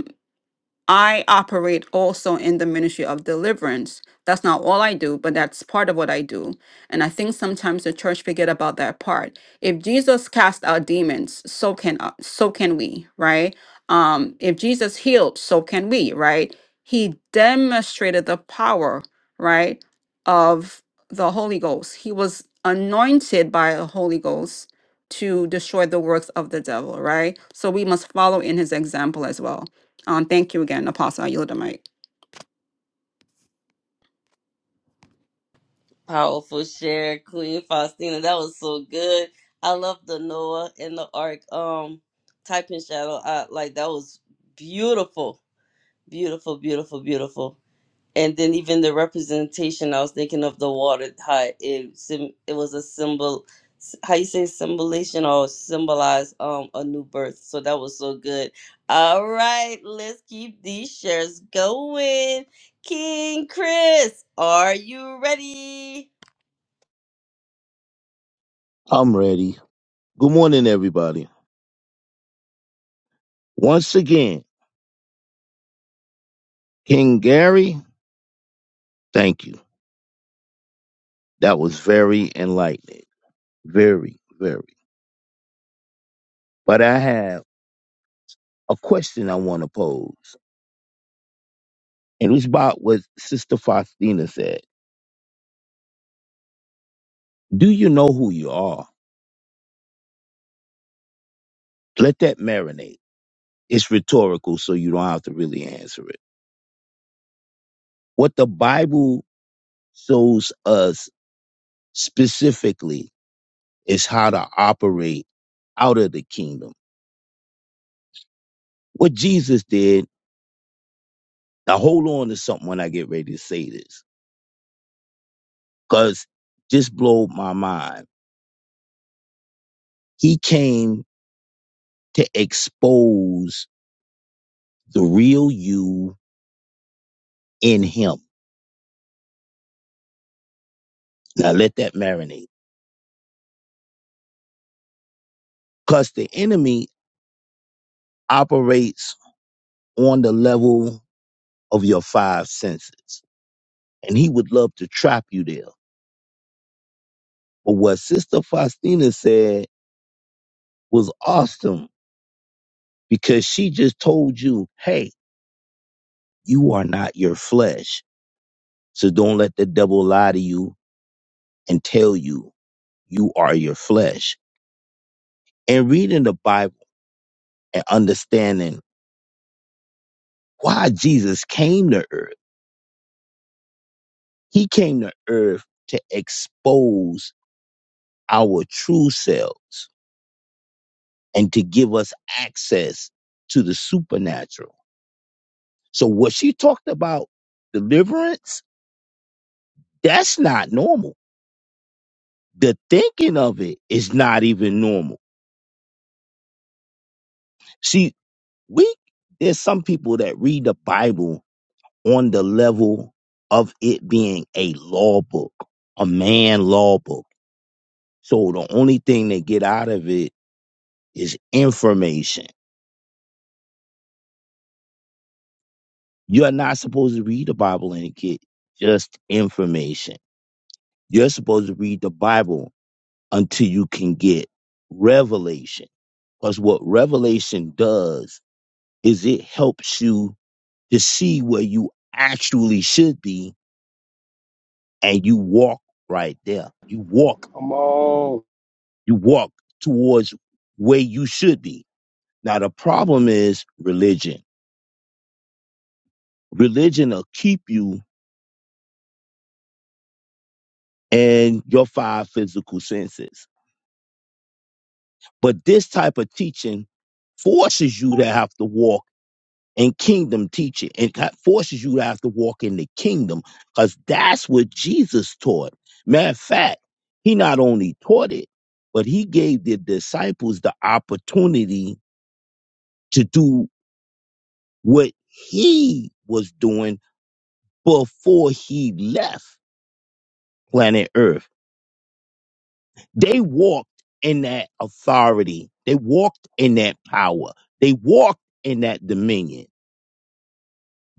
I operate also in the ministry of deliverance. That's not all I do, but that's part of what I do. And I think sometimes the church forget about that part. If Jesus cast out demons, so can uh, so can we, right? Um, if Jesus healed, so can we, right? He demonstrated the power, right, of the Holy Ghost. He was anointed by the Holy Ghost to destroy the works of the devil, right? So we must follow in his example as well. Um, thank you again, Apostle. I yield the mic. Powerful share, Queen Faustina. That was so good. I love the Noah and the Ark um type in shadow. I like that was beautiful. Beautiful, beautiful, beautiful. And then even the representation, I was thinking of the water, how it sim- it was a symbol how you say symbolization or symbolize um a new birth. So that was so good. All right, let's keep these shares going. King Chris, are you ready? I'm ready. Good morning, everybody. Once again, King Gary, thank you. That was very enlightening. Very, very. But I have a question I want to pose. And it's about what Sister Faustina said. Do you know who you are? Let that marinate. It's rhetorical, so you don't have to really answer it. What the Bible shows us specifically is how to operate out of the kingdom. What Jesus did Now hold on to something when I get ready to say this, because this blew my mind. He came to expose the real you in him. Now let that marinate, because the enemy operates on the level of your five senses, and he would love to trap you there. But what Sister Faustina said was awesome because she just told you, hey, you are not your flesh. So don't let the devil lie to you and tell you you are your flesh. And reading the Bible and understanding why Jesus came to earth. He came to earth to expose our true selves and to give us access to the supernatural. So what she talked about deliverance, that's not normal. The thinking of it is not even normal. See, we there's some people that read the Bible on the level of it being a law book, a man law book. So the only thing they get out of it is information. You're not supposed to read the Bible and get just information. You're supposed to read the Bible until you can get revelation. Because what revelation does is it helps you to see where you actually should be and you walk right there. You walk Come on. You walk towards where you should be. Now the problem is religion. Religion will keep you in your five physical senses. But this type of teaching forces you to have to walk in kingdom teaching and ca- forces you to have to walk in the kingdom because that's what Jesus taught. Matter of fact, he not only taught it, but he gave the disciples the opportunity to do what he was doing before he left planet Earth. They walked in that authority. They walked in that power. They walked in that dominion.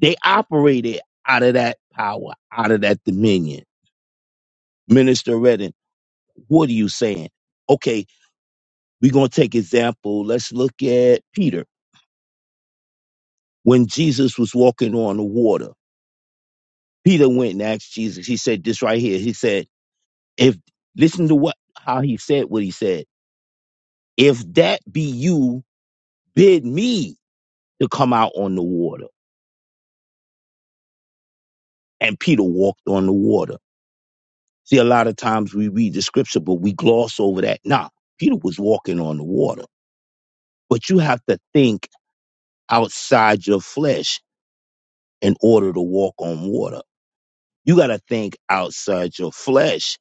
They operated out of that power, out of that dominion. Minister Redden, what are you saying? Okay, we're going to take example. Let's look at Peter. When Jesus was walking on the water, Peter went and asked Jesus. He said this right here. He said, if listen to what how he said what he said. If that be you, bid me to come out on the water. And Peter walked on the water. See, a lot of times we read the scripture, but we gloss over that. Nah, Peter was walking on the water. But you have to think outside your flesh in order to walk on water. You got to think outside your flesh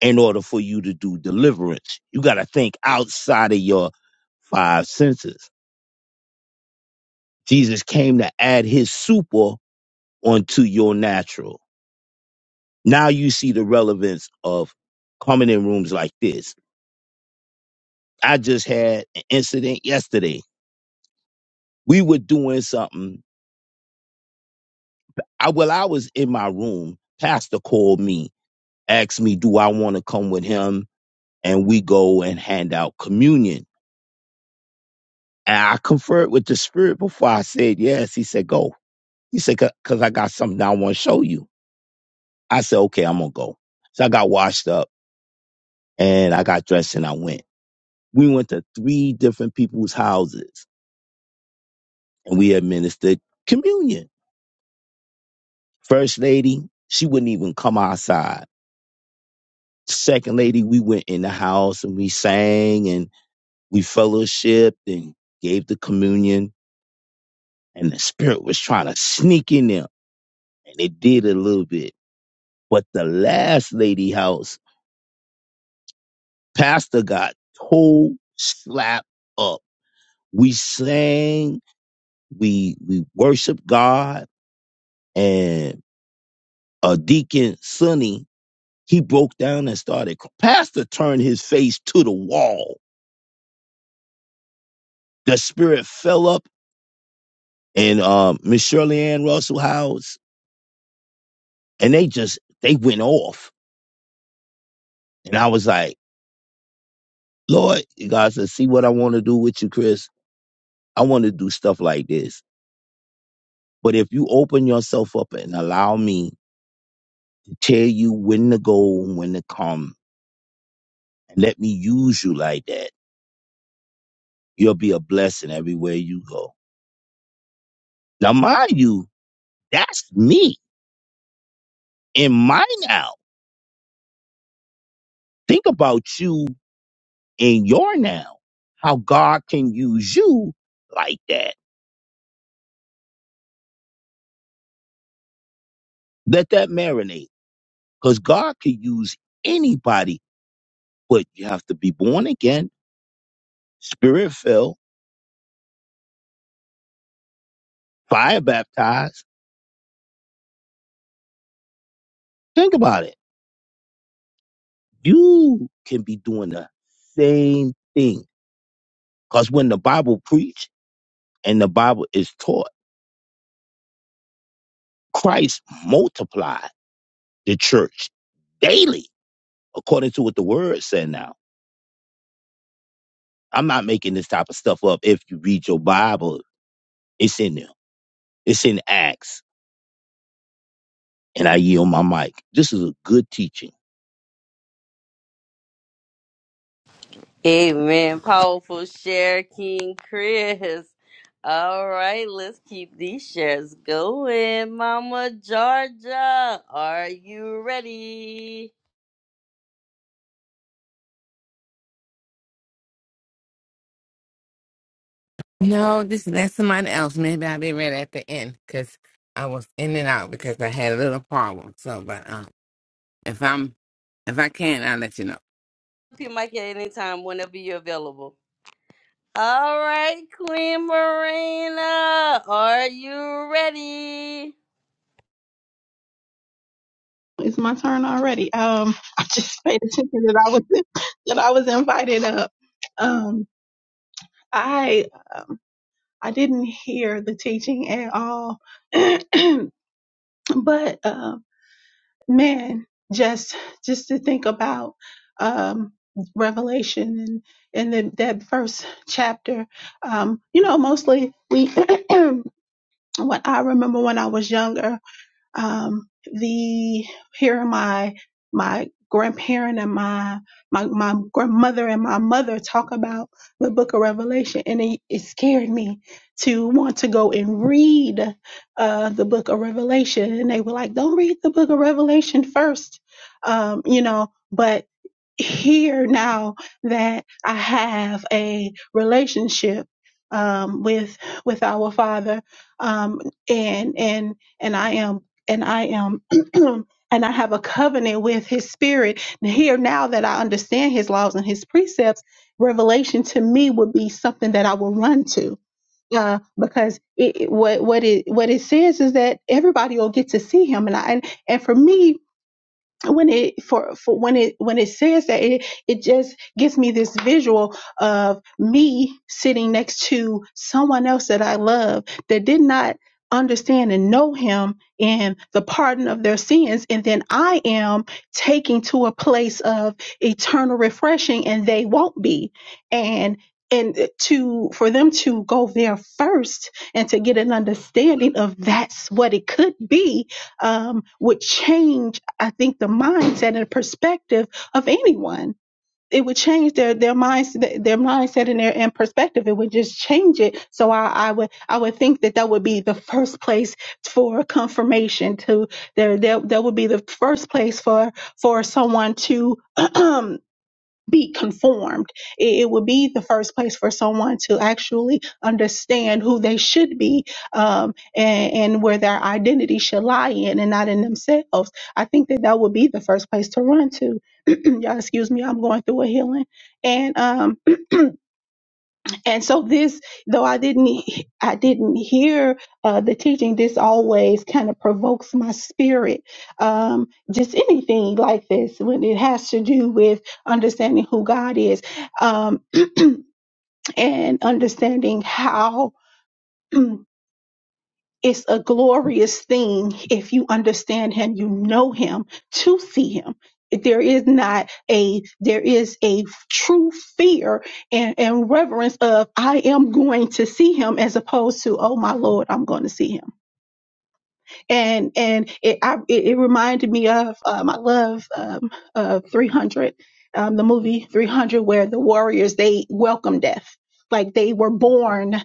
in order for you to do deliverance. You got to think outside of your five senses. Jesus came to add his super onto your natural. Now you see the relevance of coming in rooms like this. I just had an incident yesterday. We were doing something. I well, I was in my room. Pastor called me, asked me, do I want to come with him? And we go and hand out communion. And I conferred with the spirit before I said yes. He said, go. He said, because I got something I want to show you. I said, okay, I'm going to go. So I got washed up and I got dressed and I went. We went to three different people's houses and we administered communion. First lady, she wouldn't even come outside. Second lady, we went in the house and we sang and we fellowshiped and gave the communion. And the spirit was trying to sneak in there, and it did a little bit. But the last lady house, pastor got toe slapped up. We sang, we we worshiped God, and a deacon Sonny He broke down and started. Pastor turned his face to the wall. The spirit fell up and um, Miss Shirley Ann Russell House, and they just they went off. And I was like, Lord, God said, see what I want to do with you, Chris. I want to do stuff like this. But if you open yourself up and allow me to tell you when to go and when to come, and let me use you like that, you'll be a blessing everywhere you go. Now, mind you, that's me in my now. Think about you in your now, how God can use you like that. Let that marinate because God could use anybody, but you have to be born again, spirit filled, fire baptized. Think about it. You can be doing the same thing because when the Bible preached and the Bible is taught, Christ multiplied the church daily according to what the word said now. I'm not making this type of stuff up. If you read your Bible, it's in there. It's in Acts. And I yield my mic. This is a good teaching. Amen. Powerful share, King Chris. All right, let's keep these shares going. Mama Georgia, are you ready? No, this that's somebody else. Maybe I'll be ready at the end because I was in and out because I had a little problem. So, but um, if I'm if I can, I'll let you know. Open your mic at any time, whenever you're available. All right, Queen Marina, are you ready? It's my turn already. Um, I just paid attention that I was that I was invited up. Um, I um, I didn't hear the teaching at all, but uh, man, just just to think about um, Revelation and and the, that first chapter. Um, you know, mostly we. what I remember when I was younger. um, the here are my my grandparent and my my my grandmother and my mother talk about the book of revelation and it, it scared me to want to go and read uh the book of revelation and they were like don't read the book of revelation first um you know but here now that I have a relationship um, with with our Father, um, and and and I am and I am and I have a covenant with His Spirit. And here now that I understand His laws and His precepts, revelation to me would be something that I will run to. Uh, because it, it- what what it what it says is that everybody will get to see him, and I and, and for me, when it for, for when it when it says that it it just gives me this visual of me sitting next to someone else that I love that did not understand and know him and the pardon of their sins and then I am taking to a place of eternal refreshing and they won't be and and to for them to go there first and to get an understanding of that's what it could be um, would change, I think, the mindset and perspective of anyone. It would change their their mindset, their mindset and their and perspective. It would just change it. So I, I would I would think that that would be the first place for confirmation to there there that would be the first place for for someone to be conformed. It, it would be the first place for someone to actually understand who they should be um, and, and where their identity should lie in and not in themselves. I think that that would be the first place to run to. Y'all, excuse me, I'm going through a healing. And um, and so this though i didn't i didn't hear uh, the teaching this always kind of provokes my spirit um, just anything like this when it has to do with understanding who god is um, and understanding how It's a glorious thing if you understand him, you know him to see him. There is not a there is a true fear and, and reverence of I am going to see him as opposed to, oh my Lord, I'm going to see him and and it I, it, it reminded me of um, I love um, uh, 300, um, the movie 300, where the warriors they welcome death, like they were born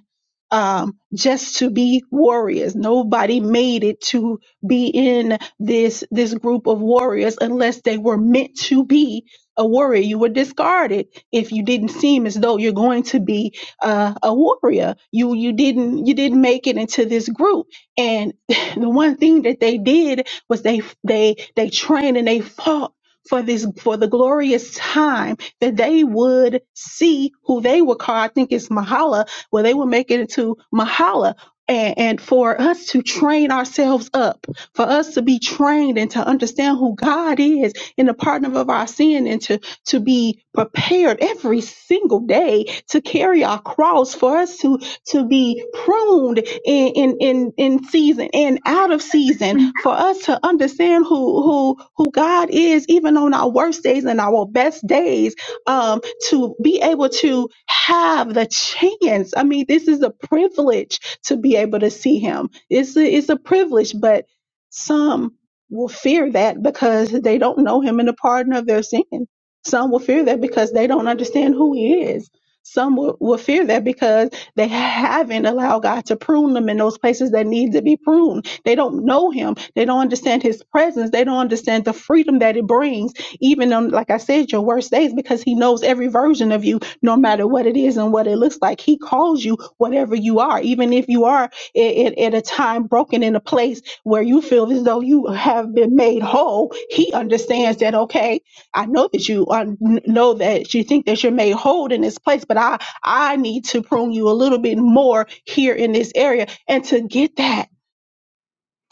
um, just to be warriors. Nobody made it to be in this this group of warriors unless they were meant to be a warrior. You were discarded if you didn't seem as though you're going to be uh, a warrior. You you didn't you didn't make it into this group and. The one thing that they did was they they they trained and they fought for this for the glorious time that they would see who they would call. I think it's Mahala, where they would make it into Mahala. And, and for us to train ourselves up, for us to be trained and to understand who God is in the pardon of our sin and to, to be prepared every single day to carry our cross, for us to to be pruned in in in, in season and out of season for us to understand who who who God is even on our worst days and our best days um to be able to have the chance I mean this is a privilege to be able to see him it's a, it's a privilege but some will fear that because they don't know him and the pardon of their sin some will fear that because they don't understand who he is some will, will fear that because they haven't allowed God to prune them in those places that need to be pruned. They don't know Him. They don't understand His presence. They don't understand the freedom that it brings, even on, like I said, your worst days, because He knows every version of you, no matter what it is and what it looks like. He calls you whatever you are, even if you are at, at a time broken in a place where you feel as though you have been made whole. He understands that, okay, I know that you uh, n- know that you think that you're made whole in this place, but I I need to prune you a little bit more here in this area. And to get that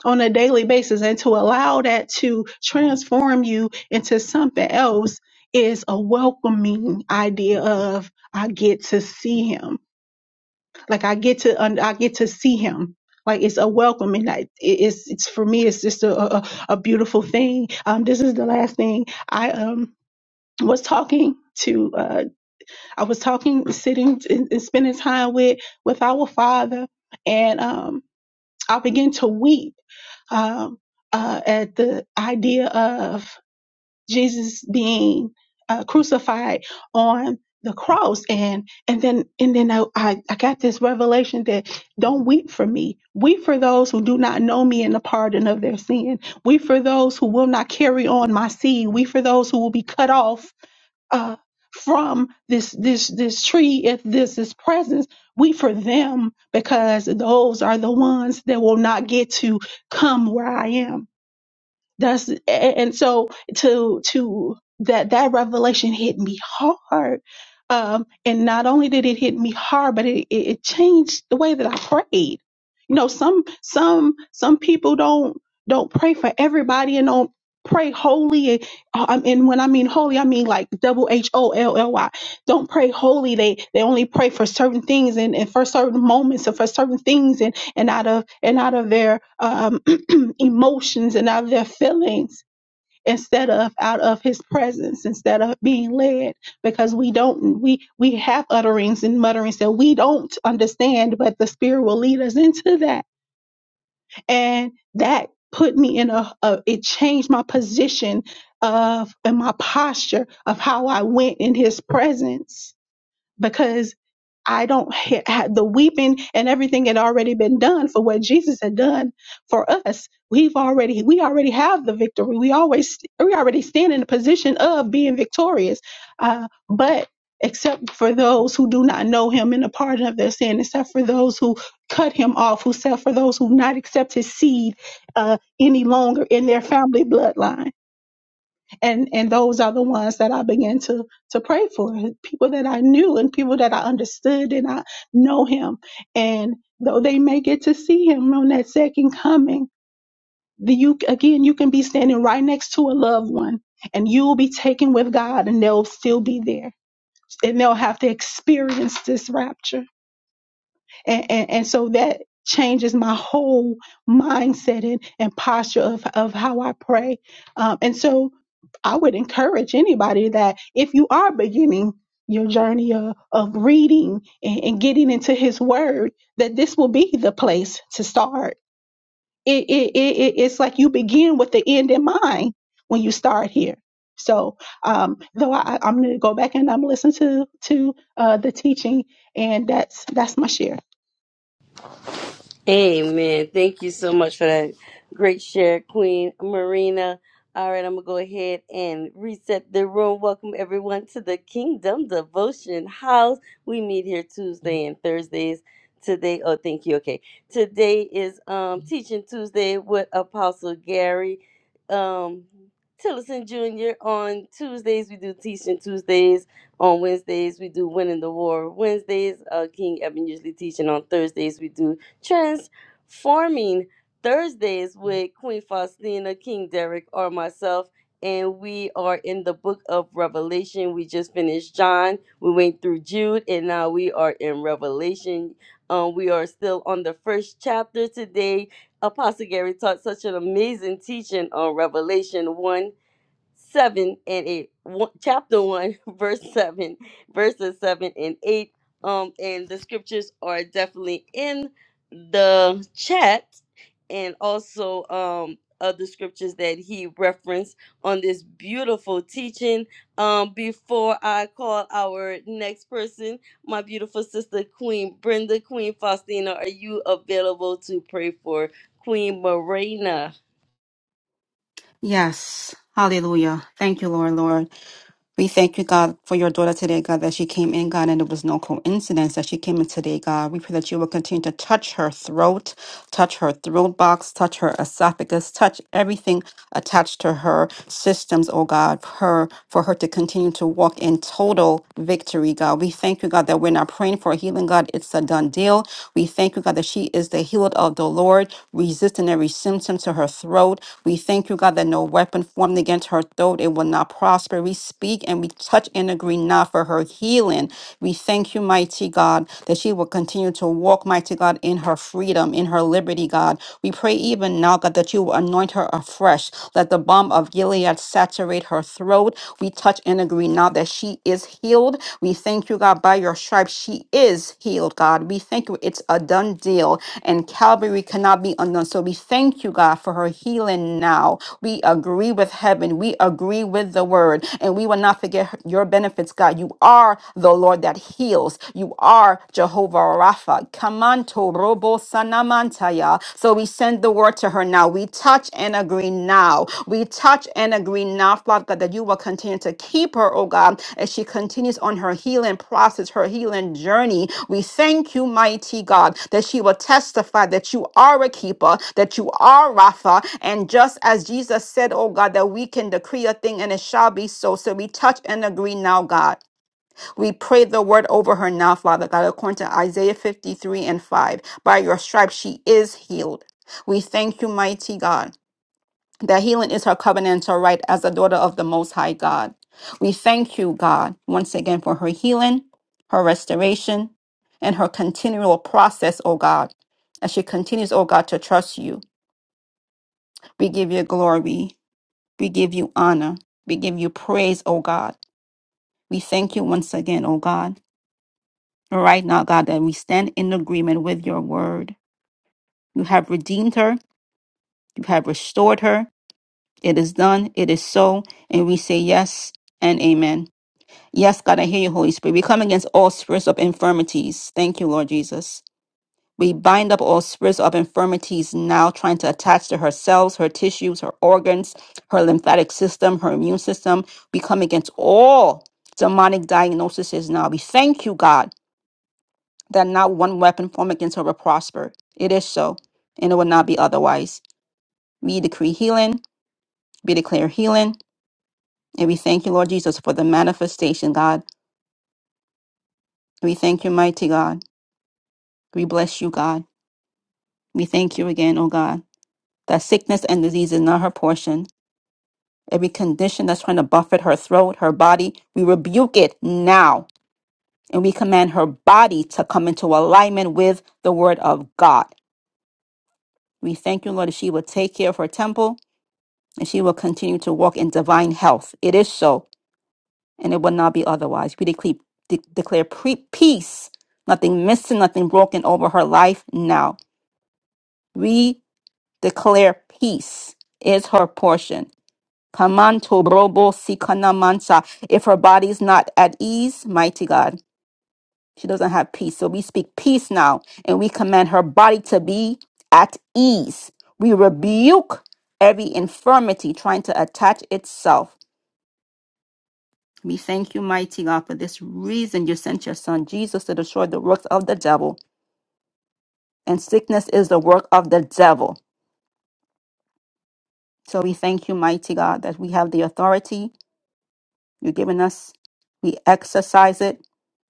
on a daily basis and to allow that to transform you into something else is a welcoming idea of I get to see him. Like I get to un- I get to see him. Like it's a welcoming. I- it- It's it's for me. It's just a a, a beautiful thing. Um, this is the last thing I um was talking to. Uh, I was talking, sitting and, and spending time with with our Father, and um, I began to weep um, uh, at the idea of Jesus being uh, crucified on the cross, and and then and then I, I I got this revelation that don't weep for me, weep for those who do not know me and the pardon of their sin, weep for those who will not carry on my seed, weep for those who will be cut off uh, from this this this tree if this is presence we for them because those are the ones that will not get to come where i am that's a- and so to to that that revelation hit me hard. Um, and not only did it hit me hard, but it, it it changed the way that I prayed. You know, some some some people don't don't pray for everybody and don't pray holy. And, um, and when I mean holy, I mean like double H O L L Y. Don't pray holy. They they only pray for certain things and, and for certain moments and for certain things and out of and out of their um, emotions and out of their feelings instead of out of his presence instead of being led because we don't we we have utterings and mutterings that we don't understand but the spirit will lead us into that and that put me in a, a it changed my position of and my posture of how i went in his presence because I don't ha- ha- the weeping and everything had already been done for what Jesus had done for us. We've already we already have the victory. We always we already stand in a position of being victorious. Uh, but except for those who do not know Him and the pardon of their sin, except for those who cut Him off, who except for those who not accept His seed uh, any longer in their family bloodline and and those are the ones that I began to to pray for people that I knew and people that I understood and I know him and though they may get to see him on that second coming the you again you can be standing right next to a loved one and you'll be taken with God and they'll still be there and they'll have to experience this rapture and, and, and so that changes my whole mindset and, and posture of, of how I pray. Um, and so I would encourage anybody that if you are beginning your journey of, of reading and, and getting into his word, that this will be the place to start. It, it, it, it- it's like you begin with the end in mind when you start here. So, um, though I, I'm going to go back and I'm listening to to uh, the teaching, and that's that's my share. Amen. Thank you so much for that great share, Queen Marina. All right, I'm going to go ahead and reset the room. Welcome everyone to the Kingdom Devotion House. We meet here Tuesday and Thursdays. Today, oh, thank you. Okay. Today is um, Teaching Tuesday with Apostle Gary um, Tillison Jr. On Tuesdays, we do Teaching Tuesdays. On Wednesdays, we do Winning the War Wednesdays. Uh, King Evan usually teaching on Thursdays. We do Transforming Thursdays with Queen Faustina, King Derek, or myself. And we are in the book of Revelation. We just finished John. We went through Jude, and now we are in Revelation. Um, we are still on the first chapter today. Apostle Gary taught such an amazing teaching on Revelation 1 7 and 8 one, chapter 1 verse 7 verses 7 and 8 um and the scriptures are definitely in the chat and also um other scriptures that he referenced on this beautiful teaching um before i call our next person my beautiful sister queen brenda queen faustina are you available to pray for queen marina Yes. Hallelujah. Thank you, Lord, Lord. We thank you, God, for your daughter today, God, that she came in, God, and it was no coincidence that she came in today, God. We pray that you will continue to touch her throat, touch her throat box, touch her esophagus, touch everything attached to her systems, oh God, her for her to continue to walk in total victory, God. We thank you, God, that we're not praying for healing, God. It's a done deal. We thank you, God, that she is the healed of those. the Lord, resisting every symptom to her throat. We thank you, God, that no weapon formed against her throat, it will not prosper. We speak and we touch and agree now for her healing. We thank you, mighty God, that she will continue to walk, mighty God, in her freedom, in her liberty, God. We pray even now, God, that you will anoint her afresh. Let the balm of Gilead saturate her throat. We touch and agree now that that she is healed. We thank you, God, by your stripes, she is healed, God. We thank you, it's a done deal, and Calvary cannot be undone. So we thank you, God, for her healing now. We agree with heaven, we agree with the word, and we will not forget her- your benefits, God. You are the Lord that heals, you are Jehovah Rapha. Kamanto robo sanamantaya. So we send the word to her now. We touch and agree now. We touch and agree now, Father God, that you will continue to keep her, oh God, as she continues on her healing process, her healing journey. We thank you, mighty God, that she will testify that you are a keeper, that you are Rapha. And just as Jesus said, oh God, that we can decree a thing and it shall be so. So we touch and agree now, God. We pray the word over her now, Father God, according to Isaiah 53 and 5. By your stripes, she is healed. We thank you, mighty God, that healing is her covenantal right as a daughter of the Most High God. We thank you, God, once again for her healing, her restoration, and her continual process, O God, as she continues, O God, to trust you. We give you glory. We give you honor. We give you praise, O God. We thank you once again, O God. Right now, God, that we stand in agreement with your word. You have redeemed her, you have restored her. It is done, it is so, and we say yes and amen. Yes, God, I hear you, Holy Spirit. We come against all spirits of infirmities. Thank you, Lord Jesus. We bind up all spirits of infirmities now, trying to attach to her cells, her tissues, her organs, her lymphatic system, her immune system. We come against all demonic diagnoses now. We thank you, God that not one weapon formed against her will prosper. It is so, and it will not be otherwise. We decree healing, we declare healing, and we thank you, Lord Jesus, for the manifestation, God. We thank you, mighty God. We bless you, God. We thank you again, oh God, that sickness and disease is not her portion. Every condition that's trying to buffet her throat, her body, we rebuke it now. And we command her body to come into alignment with the word of God. We thank you, Lord, that she will take care of her temple and she will continue to walk in divine health. It is so, and it will not be otherwise. We declare, de- declare pre- peace, nothing missing, nothing broken over her life now. We declare peace is her portion. Kamanto brobo sikana mansa. If her body's not at ease, mighty God, she doesn't have peace. So we speak peace now, and we command her body to be at ease. We rebuke every infirmity trying to attach itself We thank you, mighty God, for this reason you sent your son Jesus to destroy the works of the devil. And sickness is the work of the devil. So we thank you, mighty God, that we have the authority you've given us. We exercise it,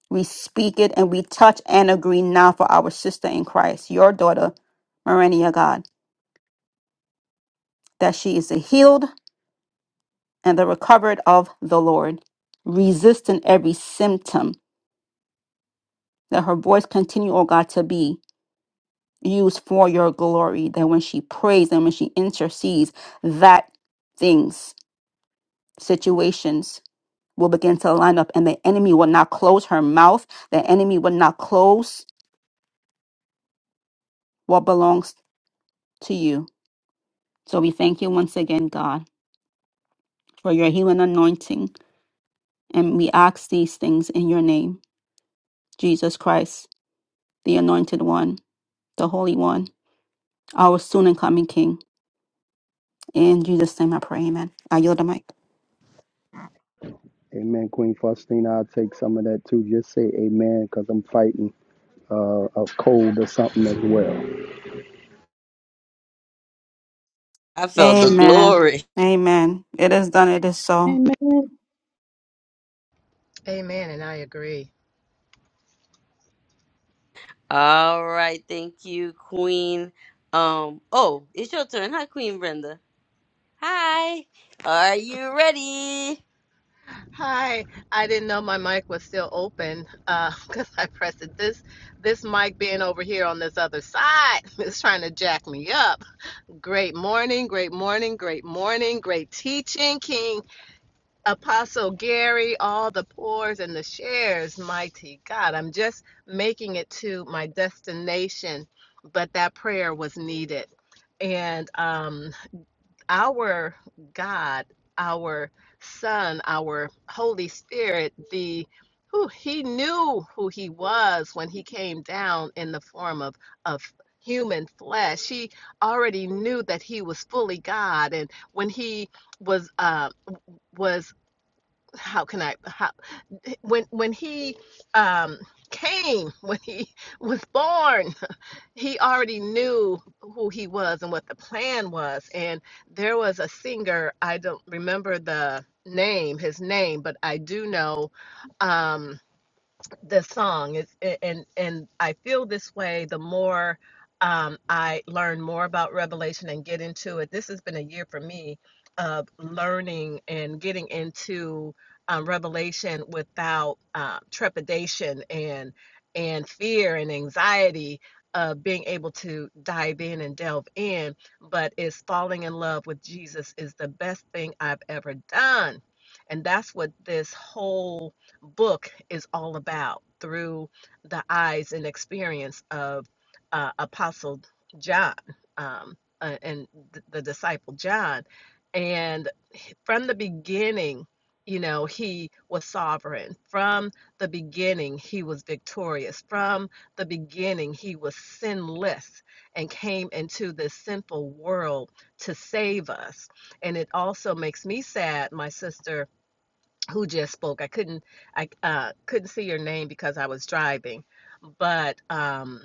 we speak it, and we touch and agree now for our sister in Christ, your daughter, Marenia God, that she is the healed and the recovered of the Lord, resisting every symptom. That her voice continue, oh God, to be. used for your glory, that when she prays and when she intercedes, that things, situations will begin to line up and the enemy will not close her mouth. The enemy will not close what belongs to you. So we thank you once again, God, for your healing anointing. And we ask these things in your name, Jesus Christ, the anointed one, the holy one, our soon and coming King. In Jesus' name I pray, amen. I yield the mic. Amen. Queen Faustina, I'll take some of that too. Just say amen because I'm fighting uh, a cold or something as well. i felt the Amen. glory Amen. It is done. It is so. Amen. Amen, and I agree. All right, thank you, Queen. Um, oh, it's your turn. Hi, Queen Brenda. Hi. Are you ready? Hi, I didn't know my mic was still open because I pressed it. This this mic being over here on this other side is trying to jack me up. Great morning, great morning, great morning, great teaching, King Apostle Gary, all the pours and the shares. Mighty God, I'm just making it to my destination, but that prayer was needed. And um, our God, our Son, our Holy Spirit, the who he knew who he was when he came down in the form of of human flesh. He already knew that he was fully God, and when he was uh, was how can I how, when when he um, came when he was born he already knew who he was and what the plan was. And there was a singer, I don't remember the name, his name, but I do know. Um, the song is and and I feel this way the more um, I learn more about Revelation and get into it. This has been a year for me of learning and getting into um, Revelation without uh, trepidation and and fear and anxiety of being able to dive in and delve in. But is falling in love with Jesus is the best thing I've ever done, and that's what this whole book is all about through the eyes and experience of uh, Apostle John um, uh, and th- the disciple John. And from the beginning, you know, he was sovereign. From the beginning, he was victorious. From the beginning, he was sinless and came into this sinful world to save us. And it also makes me sad, my sister who just spoke. I couldn't I uh, couldn't see your name because I was driving, but um,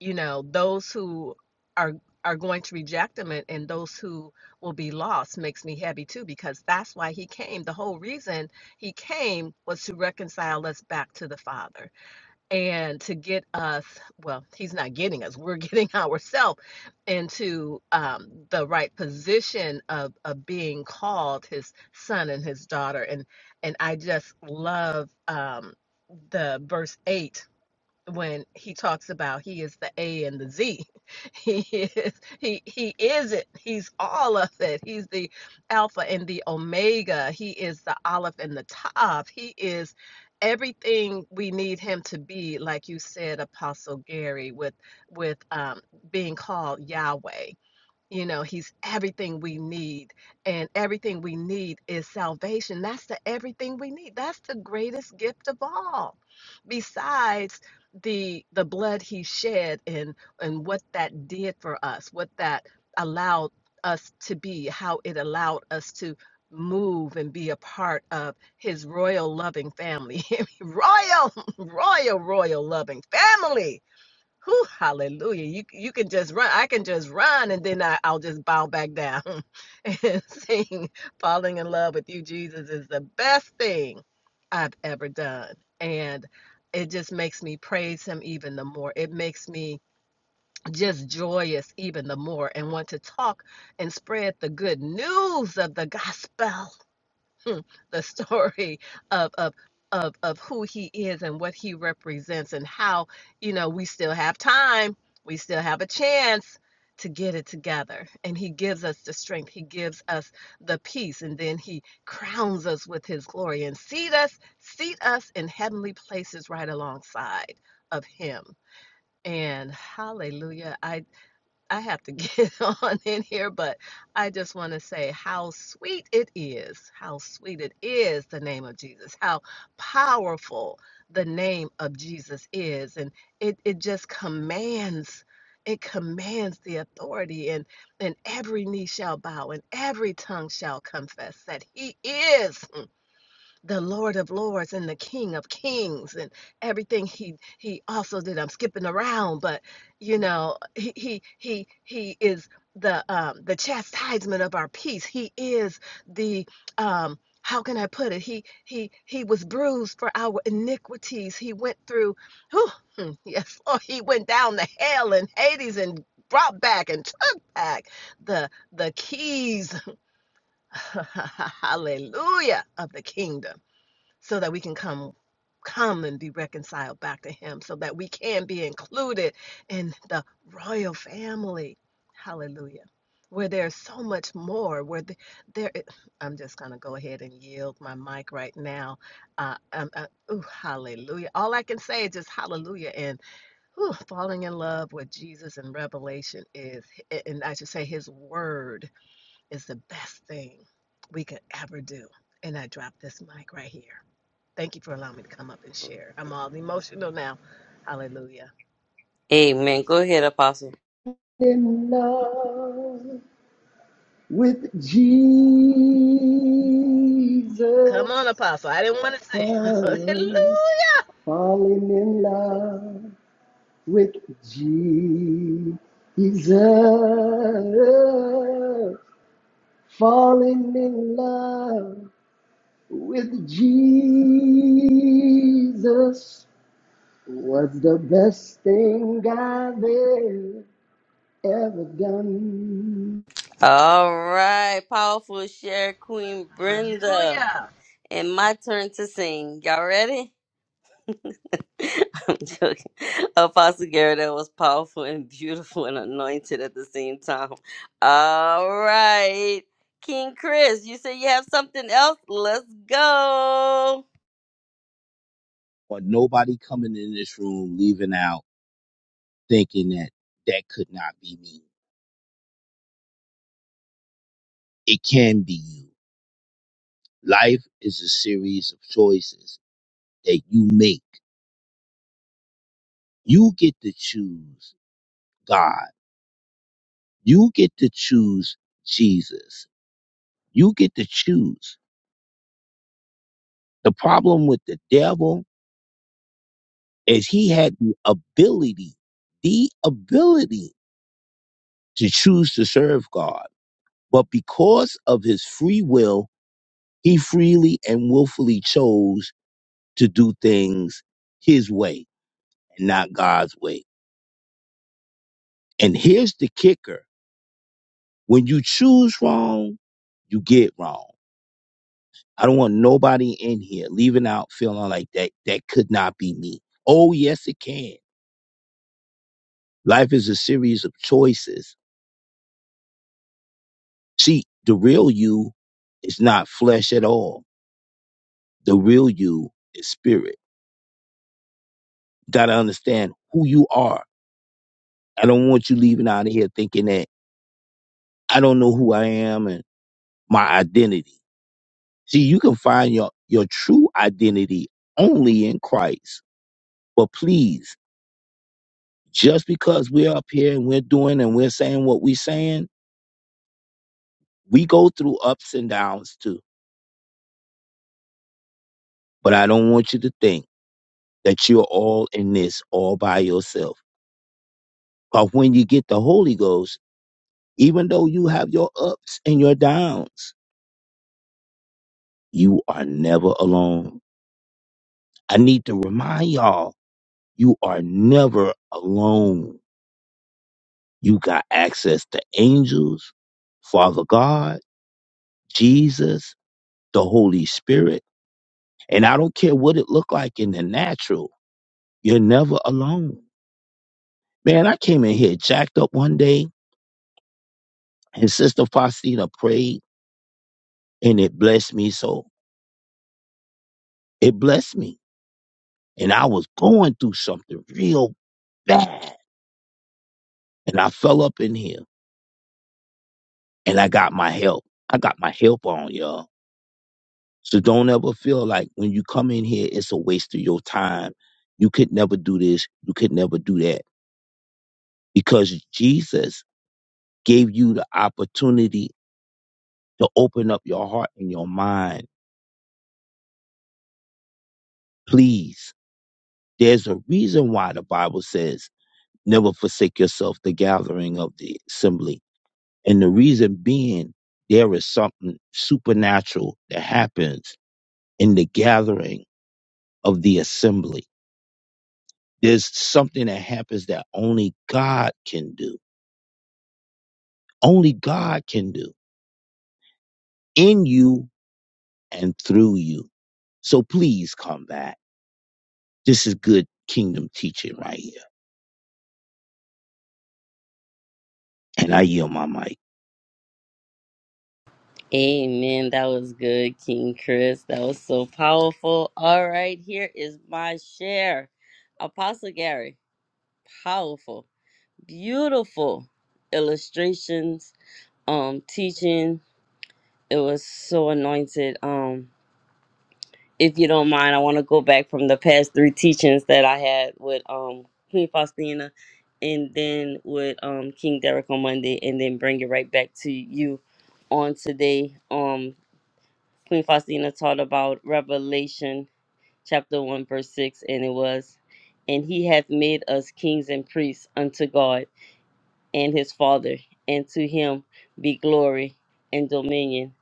you know those who are are going to reject him and, and those who will be lost makes me heavy too because that's why he came. The whole reason he came was to reconcile us back to the Father and to get us well he's not getting us we're getting ourselves into um, the right position of, of being called his son and his daughter and and i just love um, the verse 8 when he talks about he is the A and the Z. He is he he is it. He's all of it. He's the alpha and the omega. He is the olive and the top. He is everything we need him to be like you said apostle gary with with um being called yahweh you know, he's everything we need, and everything we need is salvation. That's the everything we need. That's the greatest gift of all. Besides the the blood he shed and and what that did for us, what that allowed us to be, how it allowed us to move and be a part of his royal loving family. royal, royal, royal loving family Whew, hallelujah. You you can just run. I can just run and then I, I'll just bow back down and sing. Falling in love with you, Jesus, is the best thing I've ever done. And it just makes me praise him even the more. It makes me just joyous even the more and want to talk and spread the good news of the gospel mm, the story of of of of who he is and what he represents and how you know we still have time we still have a chance to get it together and he gives us the strength he gives us the peace and then he crowns us with his glory and seat us seat us in heavenly places right alongside of him and hallelujah I. I have to get on in here, but I just want to say how sweet it is. How sweet it is, the name of Jesus. How powerful the name of Jesus is. And it, it just commands. It commands the authority, and, and every knee shall bow, and every tongue shall confess that He is the Lord of Lords and the King of Kings and everything he he also did. I'm skipping around, but you know he he he he is the um, the chastisement of our peace. He is the um, how can I put it? He he he was bruised for our iniquities. He went through. whew, hmm, yes, Lord, he went down to hell and Hades and brought back and took back the the keys hallelujah of the kingdom so that we can come come and be reconciled back to him so that we can be included in the royal family hallelujah where there's so much more where the, there i- am just going to go ahead and yield my mic right now uh, um, uh, ooh, hallelujah all i can say is just hallelujah and ooh, falling in love with jesus and revelation is and i should say his word is the best thing we could ever do and i drop this mic right here Thank you for allowing me to come up and share. I'm all emotional now. Hallelujah. Amen. Go ahead, Apostle. In love with Come on, Jesus. Apostle. I didn't want to sing. I'm Hallelujah. falling in love. with Jesus, falling in love with Jesus was the best thing I've ever ever done. All right, powerful share, Queen Brenda. Hallelujah. And my turn to sing. Y'all ready? I'm joking. Apostle Garrett, that was powerful and beautiful and anointed at the same time. All right. King Chris, you say you have something else? Let's go. But nobody coming in this room leaving out thinking that that could not be me. It can be you. Life is a series of choices that you make. You get to choose God. You get to choose Jesus. You get to choose. The problem with the devil is he had the ability, the ability to choose to serve God. But because of his free will, he freely and willfully chose to do things his way and not God's way. And here's the kicker when you choose wrong, you get wrong. I don't want nobody in here leaving out feeling like that that could not be me. Oh yes it can. Life is a series of choices See, the real you is not flesh at all. The real you is spirit. Gotta understand who you are. I don't want you leaving out of here thinking that I don't know who I am and my identity. See, you can find your, your true identity only in Christ. But please, just because we're up here and we're doing and we're saying what we're saying, we go through ups and downs too. But I don't want you to think that you're all in this all by yourself But when you get the Holy Ghost, even though you have your ups and your downs, you are never alone. I need to remind y'all, you are never alone. You got access to angels, Father God, Jesus, the Holy Spirit. And I don't care what it looked like in the natural, you're never alone. Man, I came in here jacked up one day and Sister Faustina prayed and it blessed me so. It blessed me. and I was going through something real bad. And I fell up in here and I got my help. I got my help on, y'all. So don't ever feel like when you come in here, it's a waste of your time. You could never do this. You could never do that because Jesus gave you the opportunity to open up your heart and your mind. Please. There's a reason why the Bible says, never forsake yourself the gathering of the assembly And the reason being, there is something supernatural that happens in the gathering of the assembly. There's something that happens that only God can do. Only God can do in you and through you. So please come back. This is good kingdom teaching right here. And I yield my mic. Amen. That was good, King Chris. That was so powerful. All right, here is my share. Apostle Gary, powerful, beautiful illustrations, um, teaching. It was so anointed. Um, if you don't mind, I want to go back from the past three teachings that I had with um Queen Faustina and then with um King Derek on Monday and then bring it right back to you on today. Um Queen Faustina taught about Revelation chapter 1, verse 6, and it was, And he hath made us kings and priests unto God and his Father, and to him be glory and dominion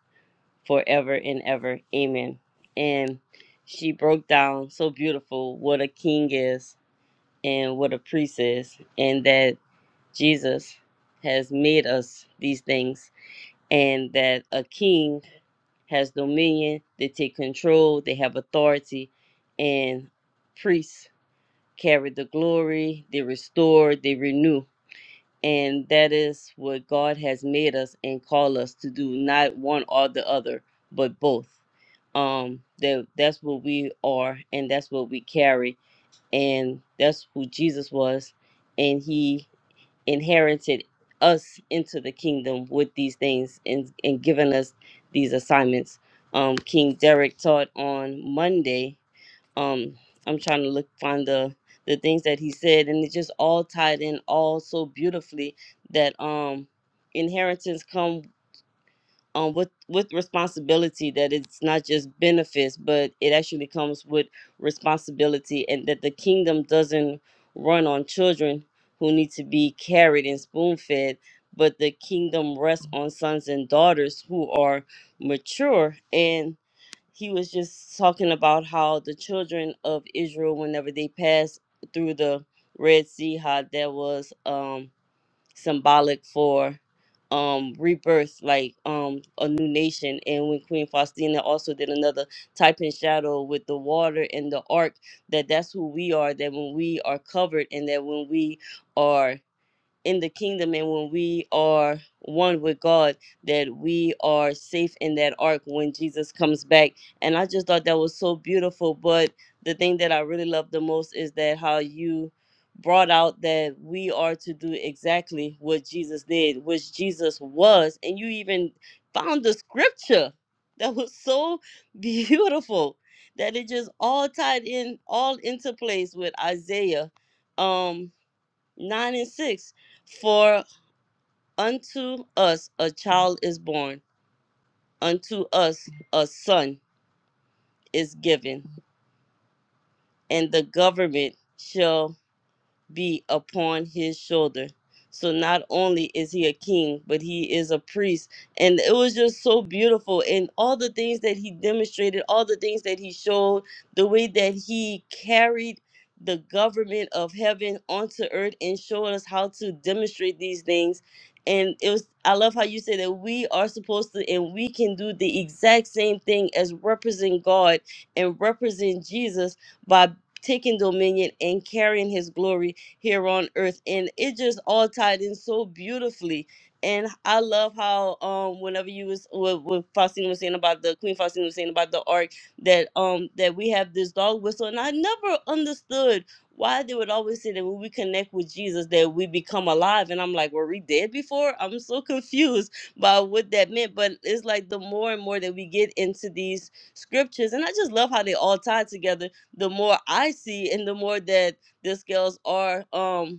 forever and ever. Amen. And she broke down so beautiful what a king is and what a priest is, and that Jesus has made us these things, and that a king has dominion, they take control, they have authority, and priests carry the glory, they restore, they renew. And that is what God has made us and called us to do, not one or the other, but both. Um, that that's what we are and that's what we carry. And that's who Jesus was. And he inherited us into the kingdom with these things and, and given us these assignments. Um, King Derek taught on Monday. Um, I'm trying to look find the the things that he said, and it just all tied in all so beautifully that um inheritance come um, with with responsibility that it's not just benefits, but it actually comes with responsibility, and that the kingdom doesn't run on children who need to be carried and spoon fed, but the kingdom rests on sons and daughters who are mature. And he was just talking about how the children of Israel, whenever they passed through the Red Sea, how that was. Um, symbolic for um rebirth like um a new nation and when queen faustina also did another type in shadow with the water and the ark that that's who we are that when we are covered and that when we are in the kingdom and when we are one with God, that we are safe in that ark when Jesus comes back. And I just thought that was so beautiful. But the thing that I really love the most is that how you brought out that we are to do exactly what Jesus did, which Jesus was. And you even found the scripture that was so beautiful that it just all tied in, all into place with Isaiah. Um, 9 and 6 For unto us a child is born, unto us a son is given, and the government shall be upon his shoulder. So not only is he a king, but he is a priest. And it was just so beautiful. And all the things that he demonstrated, all the things that he showed, the way that he carried the government of heaven onto earth and showed us how to demonstrate these things. And it was I love how you say that we are supposed to and we can do the exact same thing as represent God and represent Jesus by taking dominion and carrying his glory here on earth. And it just all tied in so beautifully. And I love how um whenever you was what, what Faustine was saying about the Queen Faustine was saying about the ark that um that we have this dog whistle and I never understood why they would always say that when we connect with Jesus that we become alive and I'm like were we dead before I'm so confused by what that meant but it's like the more and more that we get into these scriptures and I just love how they all tie together the more I see and the more that these girls are um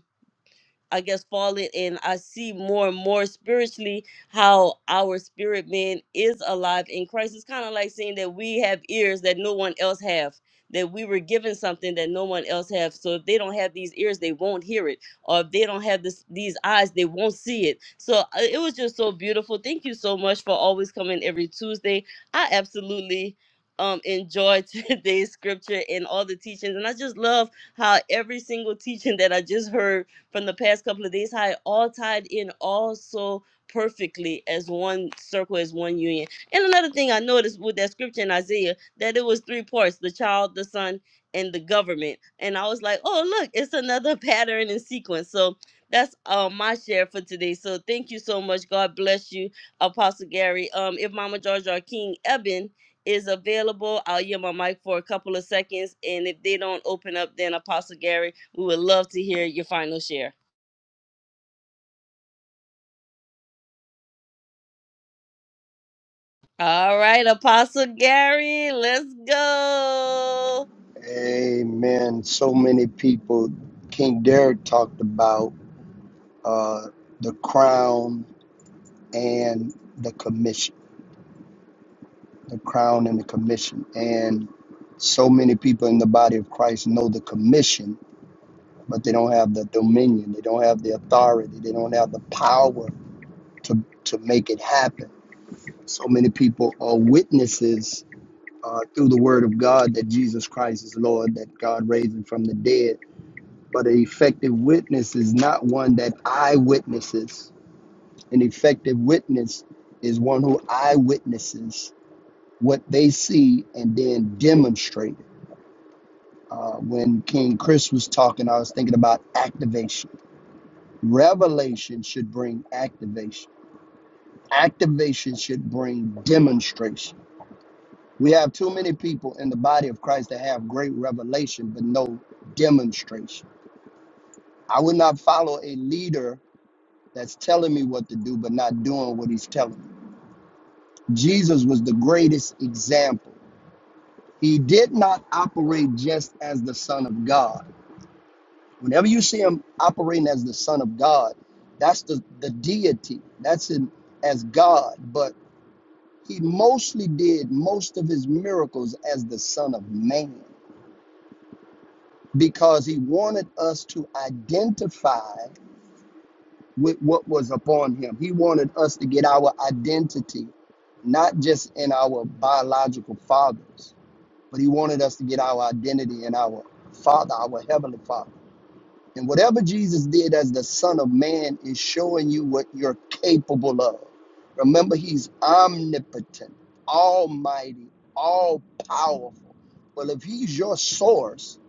I guess fallen and I see more and more spiritually how our spirit man is alive in Christ. It's kind of like saying that we have ears that no one else have, that we were given something that no one else have. So if they don't have these ears, they won't hear it. Or if they don't have this these eyes, they won't see it. So uh, it was just so beautiful. Thank you so much for always coming every Tuesday. I absolutely um enjoy today's scripture and all the teachings and I just love how every single teaching that I just heard from the past couple of days, how it all tied in all so perfectly as one circle, as one union. And another thing I noticed with that scripture in Isaiah, that it was three parts the child, the son, and the government. And I was like, oh, look, it's another pattern and sequence. So that's uh, my share for today. So thank you so much. God bless you, Apostle Gary. Um, if Mama Georgia or King Eben is available, I'll yield my mic for a couple of seconds. And if they don't open up, then Apostle Gary we would love to hear your final share. All right, Apostle Gary, let's go. Amen. So many people, King Derek talked about uh, the crown and the commission. the crown and the commission. And so many people in the body of Christ know the commission, but they don't have the dominion, they don't have the authority, they don't have the power to, to make it happen. So many people are witnesses uh, through the word of God that Jesus Christ is Lord, that God raised him from the dead. But an effective witness is not one that eyewitnesses. An effective witness is one who eyewitnesses what they see and then demonstrate it Uh, when King Chris was talking, I was thinking about activation. Revelation should bring activation, activation should bring demonstration. We have too many people in the body of Christ that have great revelation, but no demonstration. I would not follow a leader that's telling me what to do, but not doing what he's telling me. Jesus was the greatest example. He did not operate just as the Son of God Whenever you see him operating as the Son of God, that's the, the deity. That's him as God. But he mostly did most of his miracles as the Son of Man because he wanted us to identify with what was upon him. He wanted us to get our identity, not just in our biological fathers, but he wanted us to get our identity in our Father, our Heavenly Father. And whatever Jesus did as the Son of Man is showing you what you're capable of. Remember, he's omnipotent, almighty, all powerful. Well, if he's your source,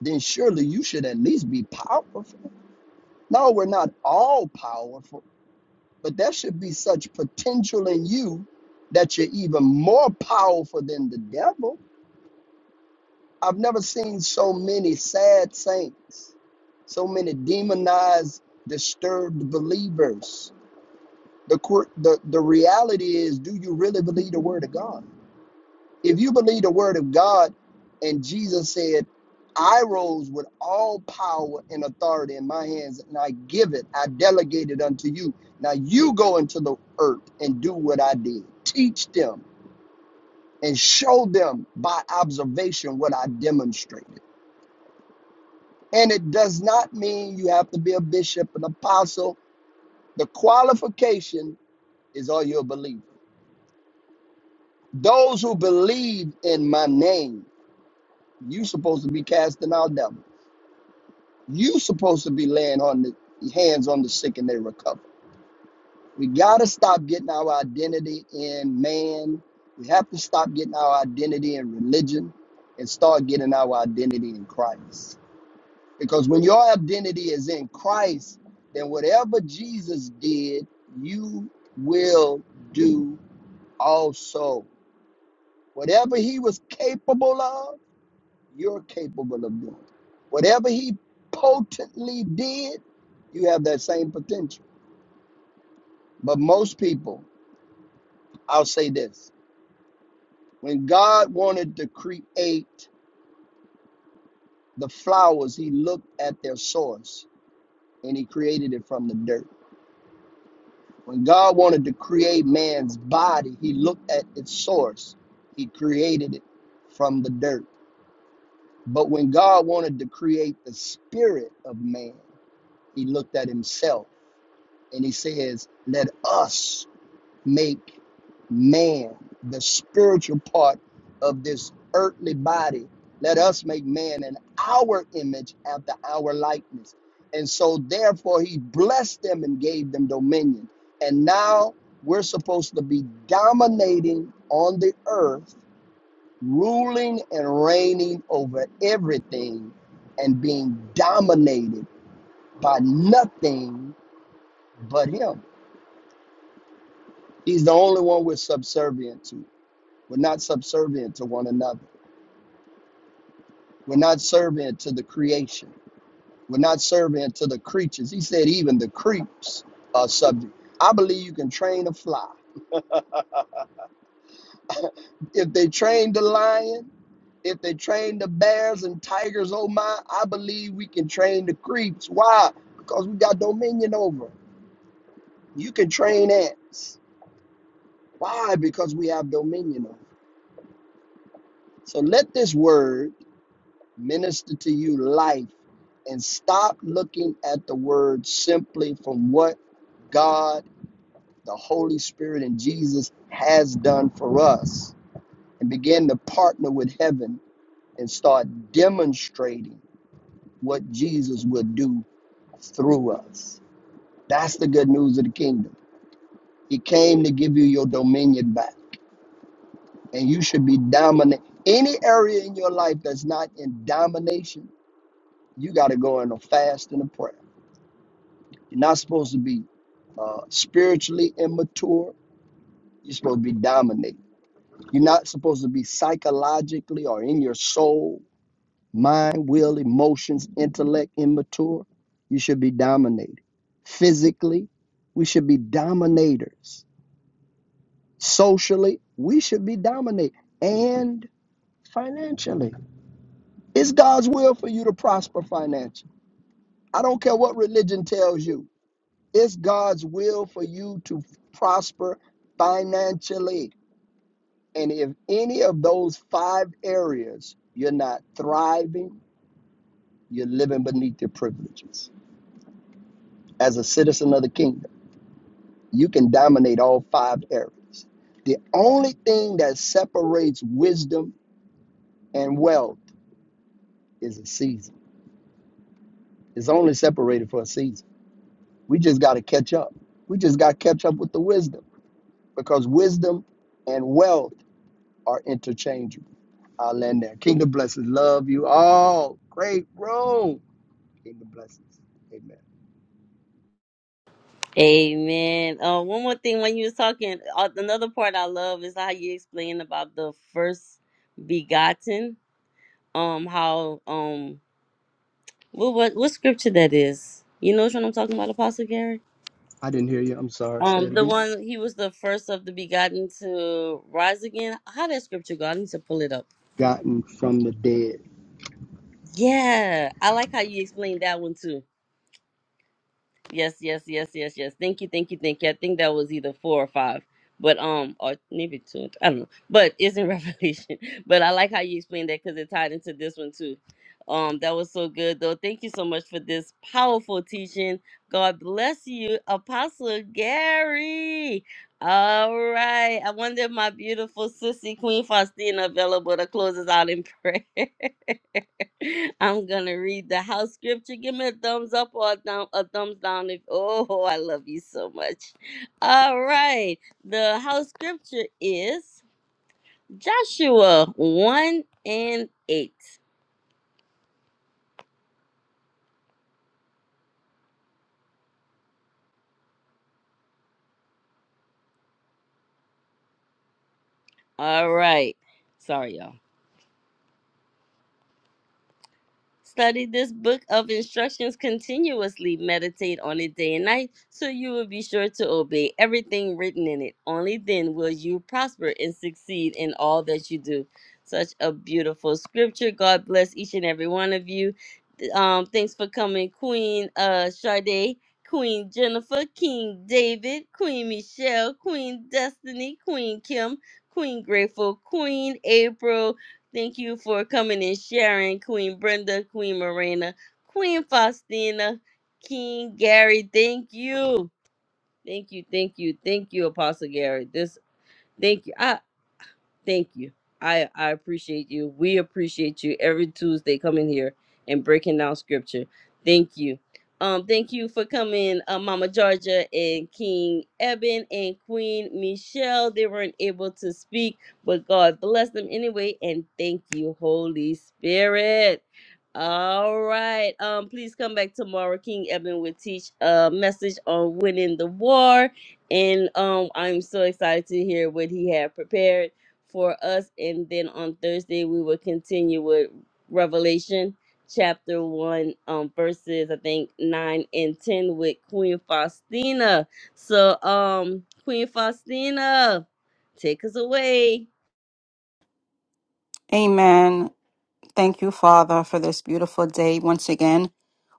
then surely you should at least be powerful. No, we're not all powerful, but there should be such potential in you that you're even more powerful than the devil I've never seen so many sad saints, so many demonized, disturbed believers. The, quir- the, the reality is, do you really believe the word of God? If you believe the word of God, and Jesus said, I rose with all power and authority in my hands, and I give it, I delegate it unto you. Now you go into the earth and do what I did. Teach them and show them by observation what I demonstrated And it does not mean you have to be a bishop, an apostle. The qualification is are you a believer? Those who believe in my name, you supposed to be casting out devils. You supposed to be laying on the hands on the sick and they recover. We gotta stop getting our identity in man. We have to stop getting our identity in religion and start getting our identity in Christ. Because when your identity is in Christ, then whatever Jesus did, you will do also. Whatever he was capable of, you're capable of doing. Whatever he potently did, you have that same potential. But most people, I'll say this when God wanted to create the flowers, he looked at their source and he created it from the dirt. When God wanted to create man's body, he looked at its source. He created it from the dirt. But when God wanted to create the spirit of man, he looked at himself and he says, Let us make man, the spiritual part of this earthly body. Let us make man in our image after our likeness. And so, therefore, he blessed them and gave them dominion. And now we're supposed to be dominating on the earth, ruling and reigning over everything, and being dominated by nothing but him. He's the only one we're subservient to. We're not subservient to one another. We're not servient to the creation. We're not servient to the creatures. He said even the creeps are subject. I believe you can train a fly. If they train the lion, if they train the bears and tigers, oh my, I believe we can train the creeps. Why? Because we got dominion over. 'em. You can train ants. Why? Because we have dominion over. 'em. So let this word minister to you life and stop looking at the word simply from what God, the Holy Spirit, and Jesus has done for us and begin to partner with heaven and start demonstrating what Jesus will do through us. That's the good news of the kingdom. He came to give you your dominion back, and you should be dominant. Any area in your life that's not in domination, you got to go in a fast and a prayer You're not supposed to be uh, spiritually immature. You're supposed to be dominated. You're not supposed to be psychologically or in your soul, mind, will, emotions, intellect immature. You should be dominated. Physically, we should be dominators. Socially, we should be dominated. And financially, it's God's will for you to prosper financially. I don't care what religion tells you. It's God's will for you to prosper financially. And if any of those five areas you're not thriving, you're living beneath your privileges. As a citizen of the kingdom, you can dominate all five areas. The only thing that separates wisdom and wealth is a season. It's only separated for a season. We just got to catch up. We just got to catch up with the wisdom because wisdom and wealth are interchangeable. I'll end there. Kingdom blessings. Love you all. Great room. Kingdom blessings. Amen. Amen. Uh, one more thing when you was talking, uh, another part I love is how you explain about the first begotten. Um, how um, what what what scripture that is? You know which one I'm talking about, Apostle Gary? I didn't hear you. I'm sorry. Say Um, it the again. one he was the first of the begotten to rise again. How did scripture go? I need to pull it up. Gotten from the dead. Yeah, I like how you explained that one too. Yes, yes, yes, yes, yes. Thank you, thank you, thank you. I think that was either four or five, but um, or maybe two. I don't know. But it's in Revelation. But I like how you explained that because it tied into this one too. Um, that was so good though. Thank you so much for this powerful teaching. God bless you, Apostle Gary. All right. I wonder if my beautiful sissy Queen Faustina available to close us out in prayer. I'm gonna read the house scripture. Give me a thumbs up or a, thumb, a thumbs down if oh I love you so much. All right. The house scripture is Joshua 1 and 8. All right. Sorry, y'all. Study this book of instructions continuously. Meditate on it day and night so you will be sure to obey everything written in it. Only then will you prosper and succeed in all that you do. Such a beautiful scripture. God bless each and every one of you. Um, thanks for coming, Queen uh, Sade, Queen Jennifer, King David, Queen Michelle, Queen Destiny, Queen Kim, Queen Grateful, Queen April, Thank you for coming and sharing, Queen Brenda, Queen Marina, Queen Faustina, King Gary. Thank you. Thank you. Thank you. Thank you, Apostle Gary. This thank you. I Thank you. I, I appreciate you. We appreciate you every Tuesday coming here and breaking down scripture. Thank you. Um, thank you for coming, uh, Mama Georgia and King Eben and Queen Michelle. They weren't able to speak, but God bless them anyway. And thank you, Holy Spirit. All right. Um, please come back tomorrow. King Eben will teach a message on winning the war. And um, I'm so excited to hear what he had prepared for us. And then on Thursday, we will continue with Revelation chapter 1, um, verses, I think, 9 and 10 with Queen Faustina. So, um, Queen Faustina, take us away. Amen. Thank you, Father, for this beautiful day once again.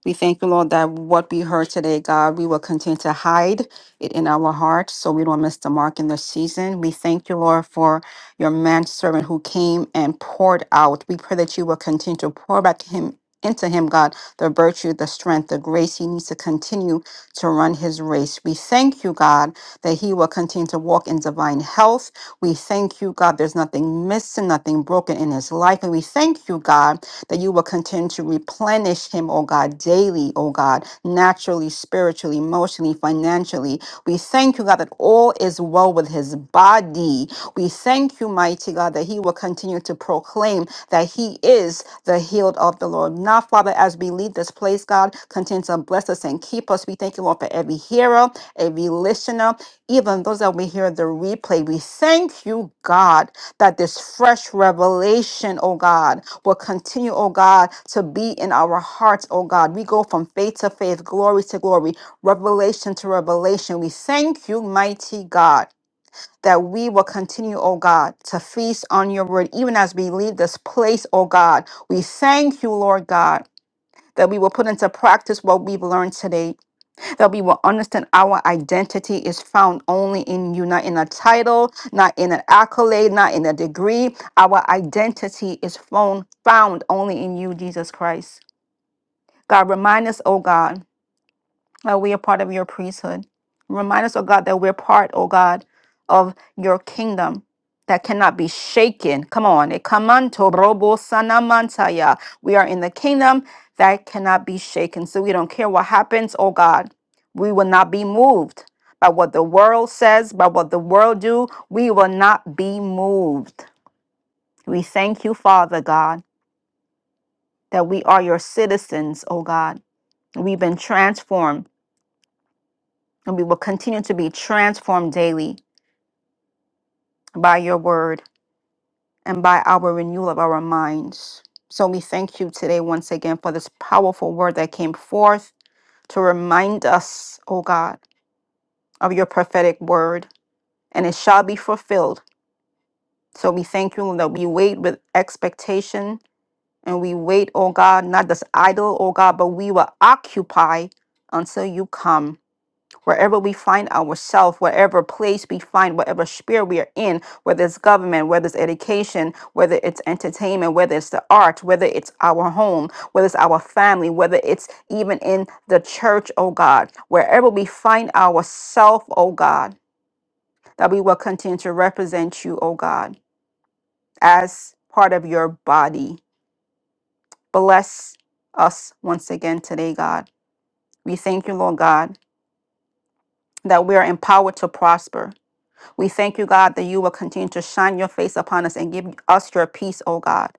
We thank you, Lord, that what we heard today, God, we will continue to hide it in our hearts so we don't miss the mark in this season. We thank you, Lord, for your manservant who came and poured out. We pray that you will continue to pour back him into him, God, the virtue, the strength, the grace he needs to continue to run his race. We thank you, God, that he will continue to walk in divine health. We thank you, God, there's nothing missing, nothing broken in his life. And we thank you, God, that you will continue to replenish him, oh God, daily, oh God, naturally, spiritually, emotionally, financially, we thank you, God, that all is well with his body. We thank you, mighty God, that he will continue to proclaim that he is the healed of the Lord. Now, Father, as we leave this place, God, continue to bless us and keep us. We thank you, Lord, for every hearer, every listener, even those that we hear the replay. We thank you, God, that this fresh revelation, oh God, will continue, oh God, to be in our hearts, oh God. We go from faith to faith, glory to glory, revelation to revelation. We thank you, mighty God, that we will continue, O God, to feast on your word, even as we leave this place, O God. We thank you, Lord God. That we will put into practice what we've learned today, that we will understand our identity is found only in you, not in a title, not in an accolade, not in a degree. Our identity is found found only in you, Jesus Christ. God, remind us, O God, uh, we are part of your priesthood. Remind us, oh God, that we're part, oh God, of your kingdom that cannot be shaken. Come on. eh, kamanto robo sanamantaya. We are in the kingdom that cannot be shaken. So we don't care what happens, oh God. We will not be moved by what the world says, by what the world do. We will not be moved. We thank you, Father God, that we are your citizens, oh God. We've been transformed and we will continue to be transformed daily by your word and by our renewal of our minds. So we thank you today once again for this powerful word that came forth to remind us, O God, of your prophetic word, and it shall be fulfilled. So we thank you Lord, that we wait with expectation and we wait, O God, not just idle, O God, but we will occupy until you come. Wherever we find ourselves, whatever place we find, whatever sphere we are in, whether it's government, whether it's education, whether it's entertainment, whether it's the arts, whether it's our home, whether it's our family, whether it's even in the church, oh God, wherever we find ourselves, oh God, that we will continue to represent you, oh God, as part of your body. Bless us once again today, God. We thank you, Lord God, that we are empowered to prosper We thank you, God, that you will continue to shine your face upon us and give us your peace, O God,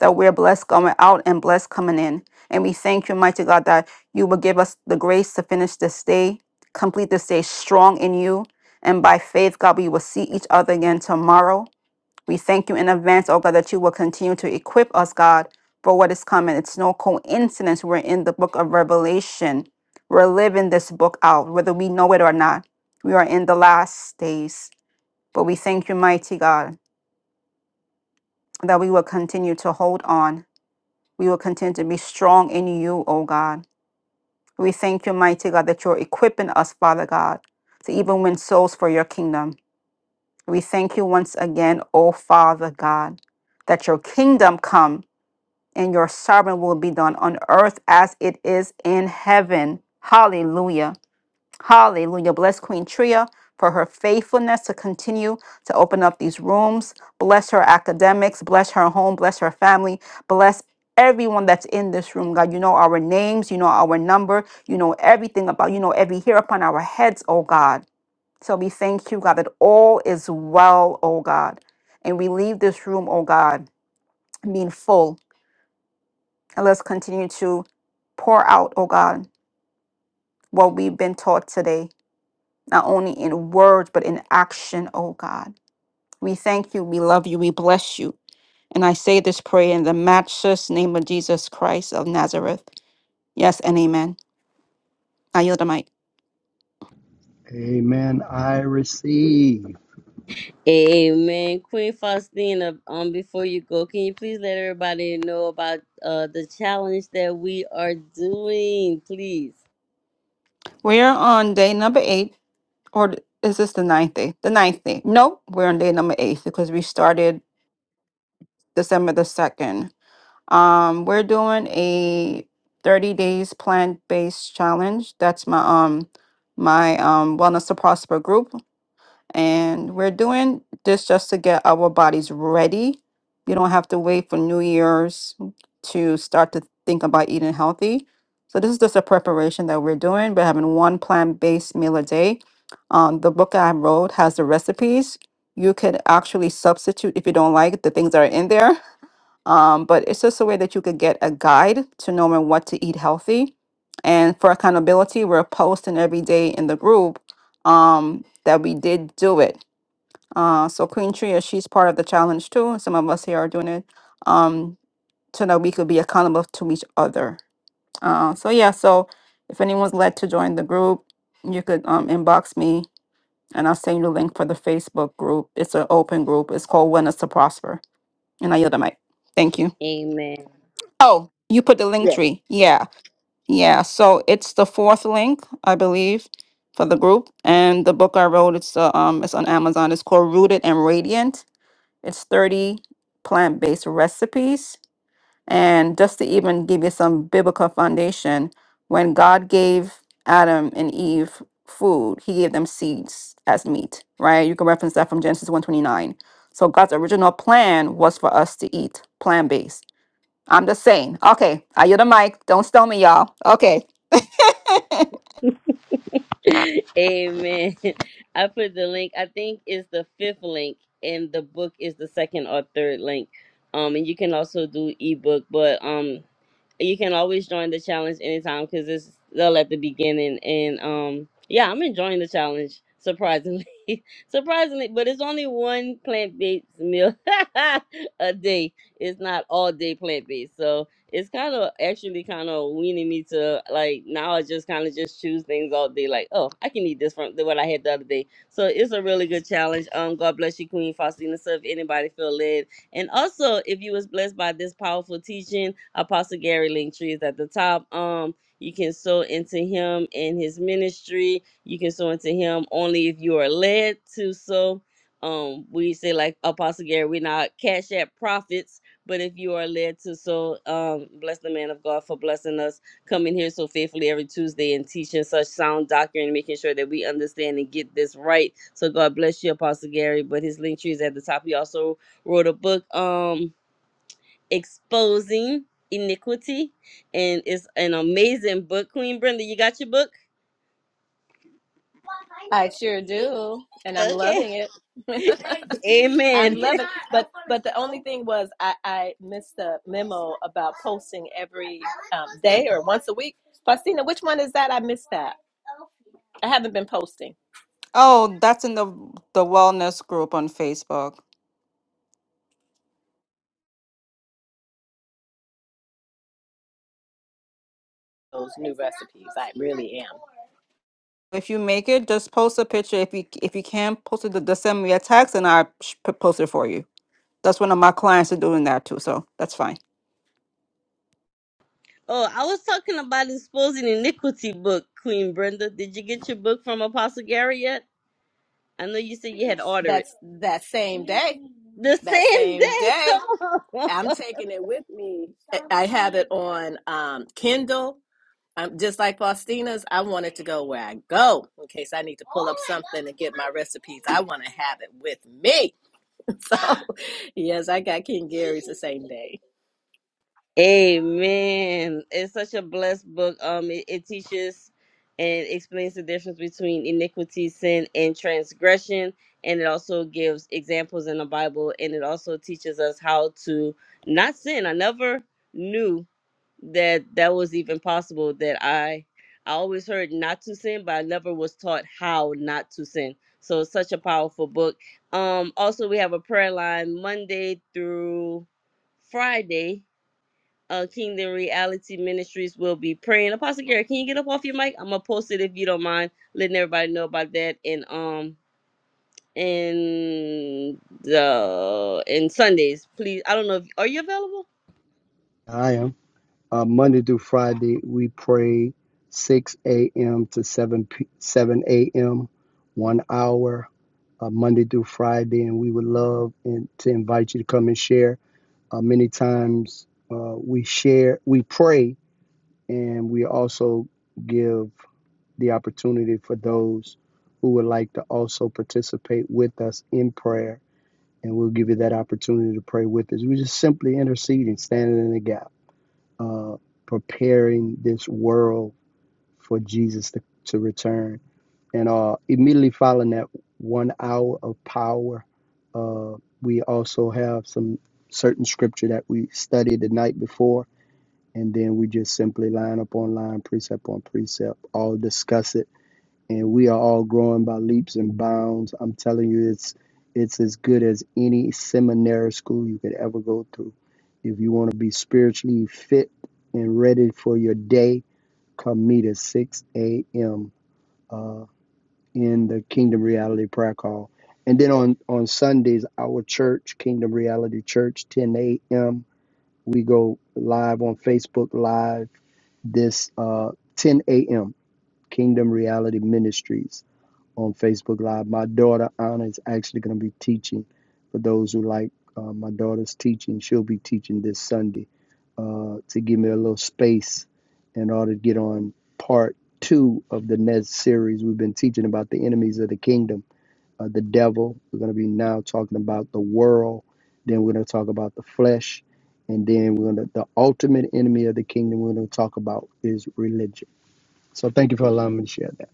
that we're blessed going out and blessed coming in. And we thank you, mighty God, that you will give us the grace to finish this day, complete this day strong in you. And by faith, God, we will see each other again tomorrow. We thank you in advance, oh God, that you will continue to equip us, God, for what is coming. It's no coincidence we're in the book of Revelation. We're living this book out, whether we know it or not. We are in the last days. But we thank you, mighty God, that we will continue to hold on. We will continue to be strong in you, O God. We thank you, mighty God, that you're equipping us, Father God, to even win souls for your kingdom. We thank you once again, O Father God, that your kingdom come and your sovereign will be done on earth as it is in heaven. Hallelujah. Hallelujah. Bless Queen Tria for her faithfulness to continue to open up these rooms. Bless her academics. Bless her home. Bless her family. Bless everyone that's in this room. God, you know our names. You know our number. You know everything about, you know every hair upon our heads, oh God. So we thank you, God, that all is well, oh God. And we leave this room, oh God, being full. And let's continue to pour out, oh God, what we've been taught today. not only in words, but in action, oh God. We thank you, we love you, we bless you. And I say this prayer in the matchless name of Jesus Christ of Nazareth. Yes and amen. I yield the mic. Amen. I receive. Amen. Queen Faustina, um, before you go, can you please let everybody know about uh the challenge that we are doing, please? We're on day number eight, or th- is this the ninth day? The ninth day. Nope, we're on day number eight because we started December the 2nd. Um, we're doing a 30 days plant-based challenge. That's my um my um wellness to prosper group and we're doing this just to get our bodies ready. You don't have to wait for New Year's to start to think about eating healthy. So this is just a preparation that we're doing. We're having one plant-based meal a day. Um, the book I wrote has the recipes. You could actually substitute if you don't like the things that are in there. Um, but it's just a way that you could get a guide to knowing what to eat healthy. And for accountability, we're posting every day in the group um, that we did do it uh, so Queen Tria, she's part of the challenge too. and Some of us here are doing it um, so that we could be accountable to each other. Uh, so yeah, so if anyone's led to join the group, you could um, inbox me and I'll send you the link for the Facebook group. It's an open group. It's called When to Prosper. And I yield the mic. Thank you. Amen. Oh, you put the link Yes. tree. Yeah, yeah. So it's the fourth link, I believe, for the group. And the book I wrote, it's uh, um, it's on Amazon. It's called Rooted and Radiant It's 30 plant based recipes. And just to even give you some biblical foundation, when God gave Adam and Eve food, he gave them seeds as meat, right? You can reference that from Genesis 129. So God's original plan was for us to eat plant based. I'm just saying. Okay, I you the mic. Don't stone me, y'all. Okay. Amen. I put the link. I think it's the fifth link, and the book is the second or third link. Um, and you can also do ebook, but um, you can always join the challenge anytime because it's still at the beginning. And um, yeah, I'm enjoying the challenge surprisingly, surprisingly. But it's only one plant based meal a day. It's not all day plant based, it's kind of actually kind of weaning me to like now I just kind of just choose things all day. Like, oh, I can eat this from the- what I had the other day. So it's a really good challenge. Um, God bless you, Queen Faustina. So if anybody feel led, and also if you was blessed by this powerful teaching, Apostle Gary Linktree is at the top. Um, you can sow into him and his ministry. You can sow into him only if you are led to sow. Um, we say like Apostle Gary, we're not cash app prophets but if you are led to so, um, bless the man of God for blessing us, coming here so faithfully every Tuesday and teaching such sound doctrine and making sure that we understand and get this right. So God bless you, Apostle Gary. But his link tree is at the top. He also wrote a book, um, Exposing Iniquity. And it's an amazing book. Queen Brenda, you got your book? I sure do. Okay. Sing it. I'm Amen. loving it. But but the only thing was I, I missed the memo about posting every um, day or once a week. Faustina, which one is that? I missed that. I have seen oh, that's in the the wellness group on Facebook. those new recipes. I really am. If you make it, just post a picture. If you if you can post it, just send me a text and I sh- p- post it for you. That's one of my clients are doing that too, so that's fine. Oh, I was talking about exposing iniquity book, Queen Brenda. Did you get your book from Apostle Gary yet? I know you said you had ordered it. That's that same day. The That same same day. day. Come I'm on. taking it with me. I I have it on um, Kindle. Um, just like Faustina's, I want it to go where I go in case I need to pull up something and get my recipes. I want to have it with me. So, yes, I got King Gary's the same day. Amen. It's such a blessed book. Um, it, it teaches and explains the difference between iniquity, sin, and transgression. And it also gives examples in the Bible. And it also teaches us how to not sin. I never knew that that was even possible that i i always heard not to sin but i never was taught how not to sin so it's such a powerful book um also we have a prayer line monday through friday uh kingdom reality ministries will be praying apostle gary can you get up off your mic i'm gonna post it if you don't mind letting everybody know about that and um and the and sundays please i don't know if are you available I am. Uh, Monday through Friday, we pray 6 a.m. to 7, 7 a.m., one hour, uh, Monday through Friday. And we would love and to invite you to come and share. Uh, many times uh, we share, we pray and we also give the opportunity for those who would like to also participate with us in prayer and we'll give you that opportunity to pray with us we're just simply interceding standing in the gap uh, preparing this world for jesus to, to return and uh, immediately following that one hour of power uh, we also have some certain scripture that we studied the night before and then we just simply line up on line, precept on precept, all discuss it, and we are all growing by leaps and bounds. I'm telling you, it's it's as good as any seminary school you could ever go through. If you want to be spiritually fit and ready for your day, come meet at 6 a.m. Uh, in the Kingdom Reality Prayer Call. And then on, on Sundays, our church, Kingdom Reality Church, 10 a.m., we go live on Facebook Live this uh, 10 a.m. Kingdom Reality Ministries on Facebook Live. My daughter Anna is actually going to be teaching. For those who like uh, my daughter's teaching, she'll be teaching this Sunday uh, to give me a little space in order to get on part two of the next series. We've been teaching about the enemies of the kingdom uh, the devil. We're going to be now talking about the world. Then we're going to talk about the flesh. And then we're going to, the ultimate enemy of the kingdom we're going to talk about is religion. So thank you for allowing me to share that.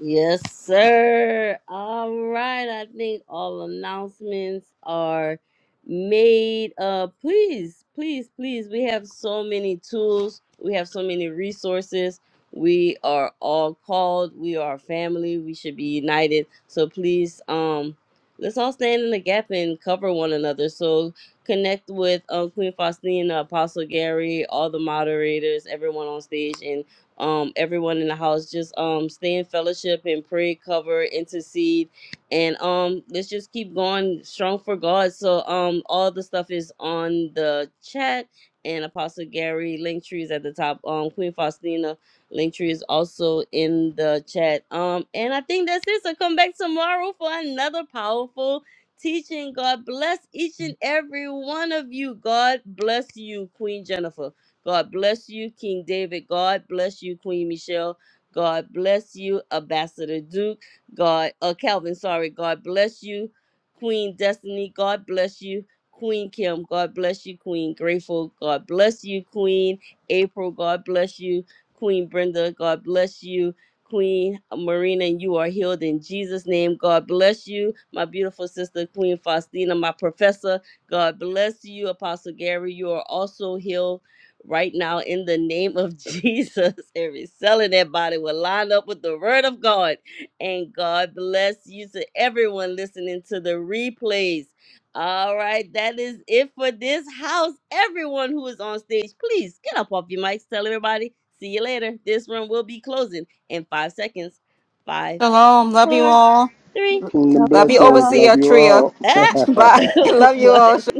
Yes, sir. All right. I think all announcements are made. Uh please, please, please. We have so many tools. We have so many resources. We are all called. We are a family. We should be united. So please, um, let's all stand in the gap and cover one another. So connect with uh Queen Faustina, Apostle Gary, all the moderators, everyone on stage, and um, everyone in the house. Just um, stay in fellowship and pray, cover, intercede, and um, let's just keep going strong for God. So um, all the stuff is on the chat, and Apostle Gary Linktree is at the top. Um, Queen Faustina Linktree is also in the chat. Um, and I think that's it. So come back tomorrow for another powerful teaching. God bless each and every one of you. God bless you, Queen Jennifer. God bless you, King David. God bless you, Queen Michelle. God bless you, Ambassador Duke. God, uh, Calvin, sorry. God bless you, Queen Destiny. God bless you, Queen Kim. God bless you, Queen Grateful. God bless you, Queen April. God bless you, Queen Brenda. God bless you. Queen Marina, and you are healed in Jesus' name. God bless you, my beautiful sister, Queen Faustina, my professor. God bless you, Apostle Gary. You are also healed right now in the name of Jesus. Every cell in that body will line up with the word of God. And God bless you to everyone listening to the replays. All right, that is it for this house. Everyone who is on stage, please get up off your mics. Tell everybody, see you later. This room will be closing in five seconds. Five, Shalom, love you four, all. three, Kingdom Love you, blessings. Love overseer you Tria. all. ah, Bye. Love you all. one.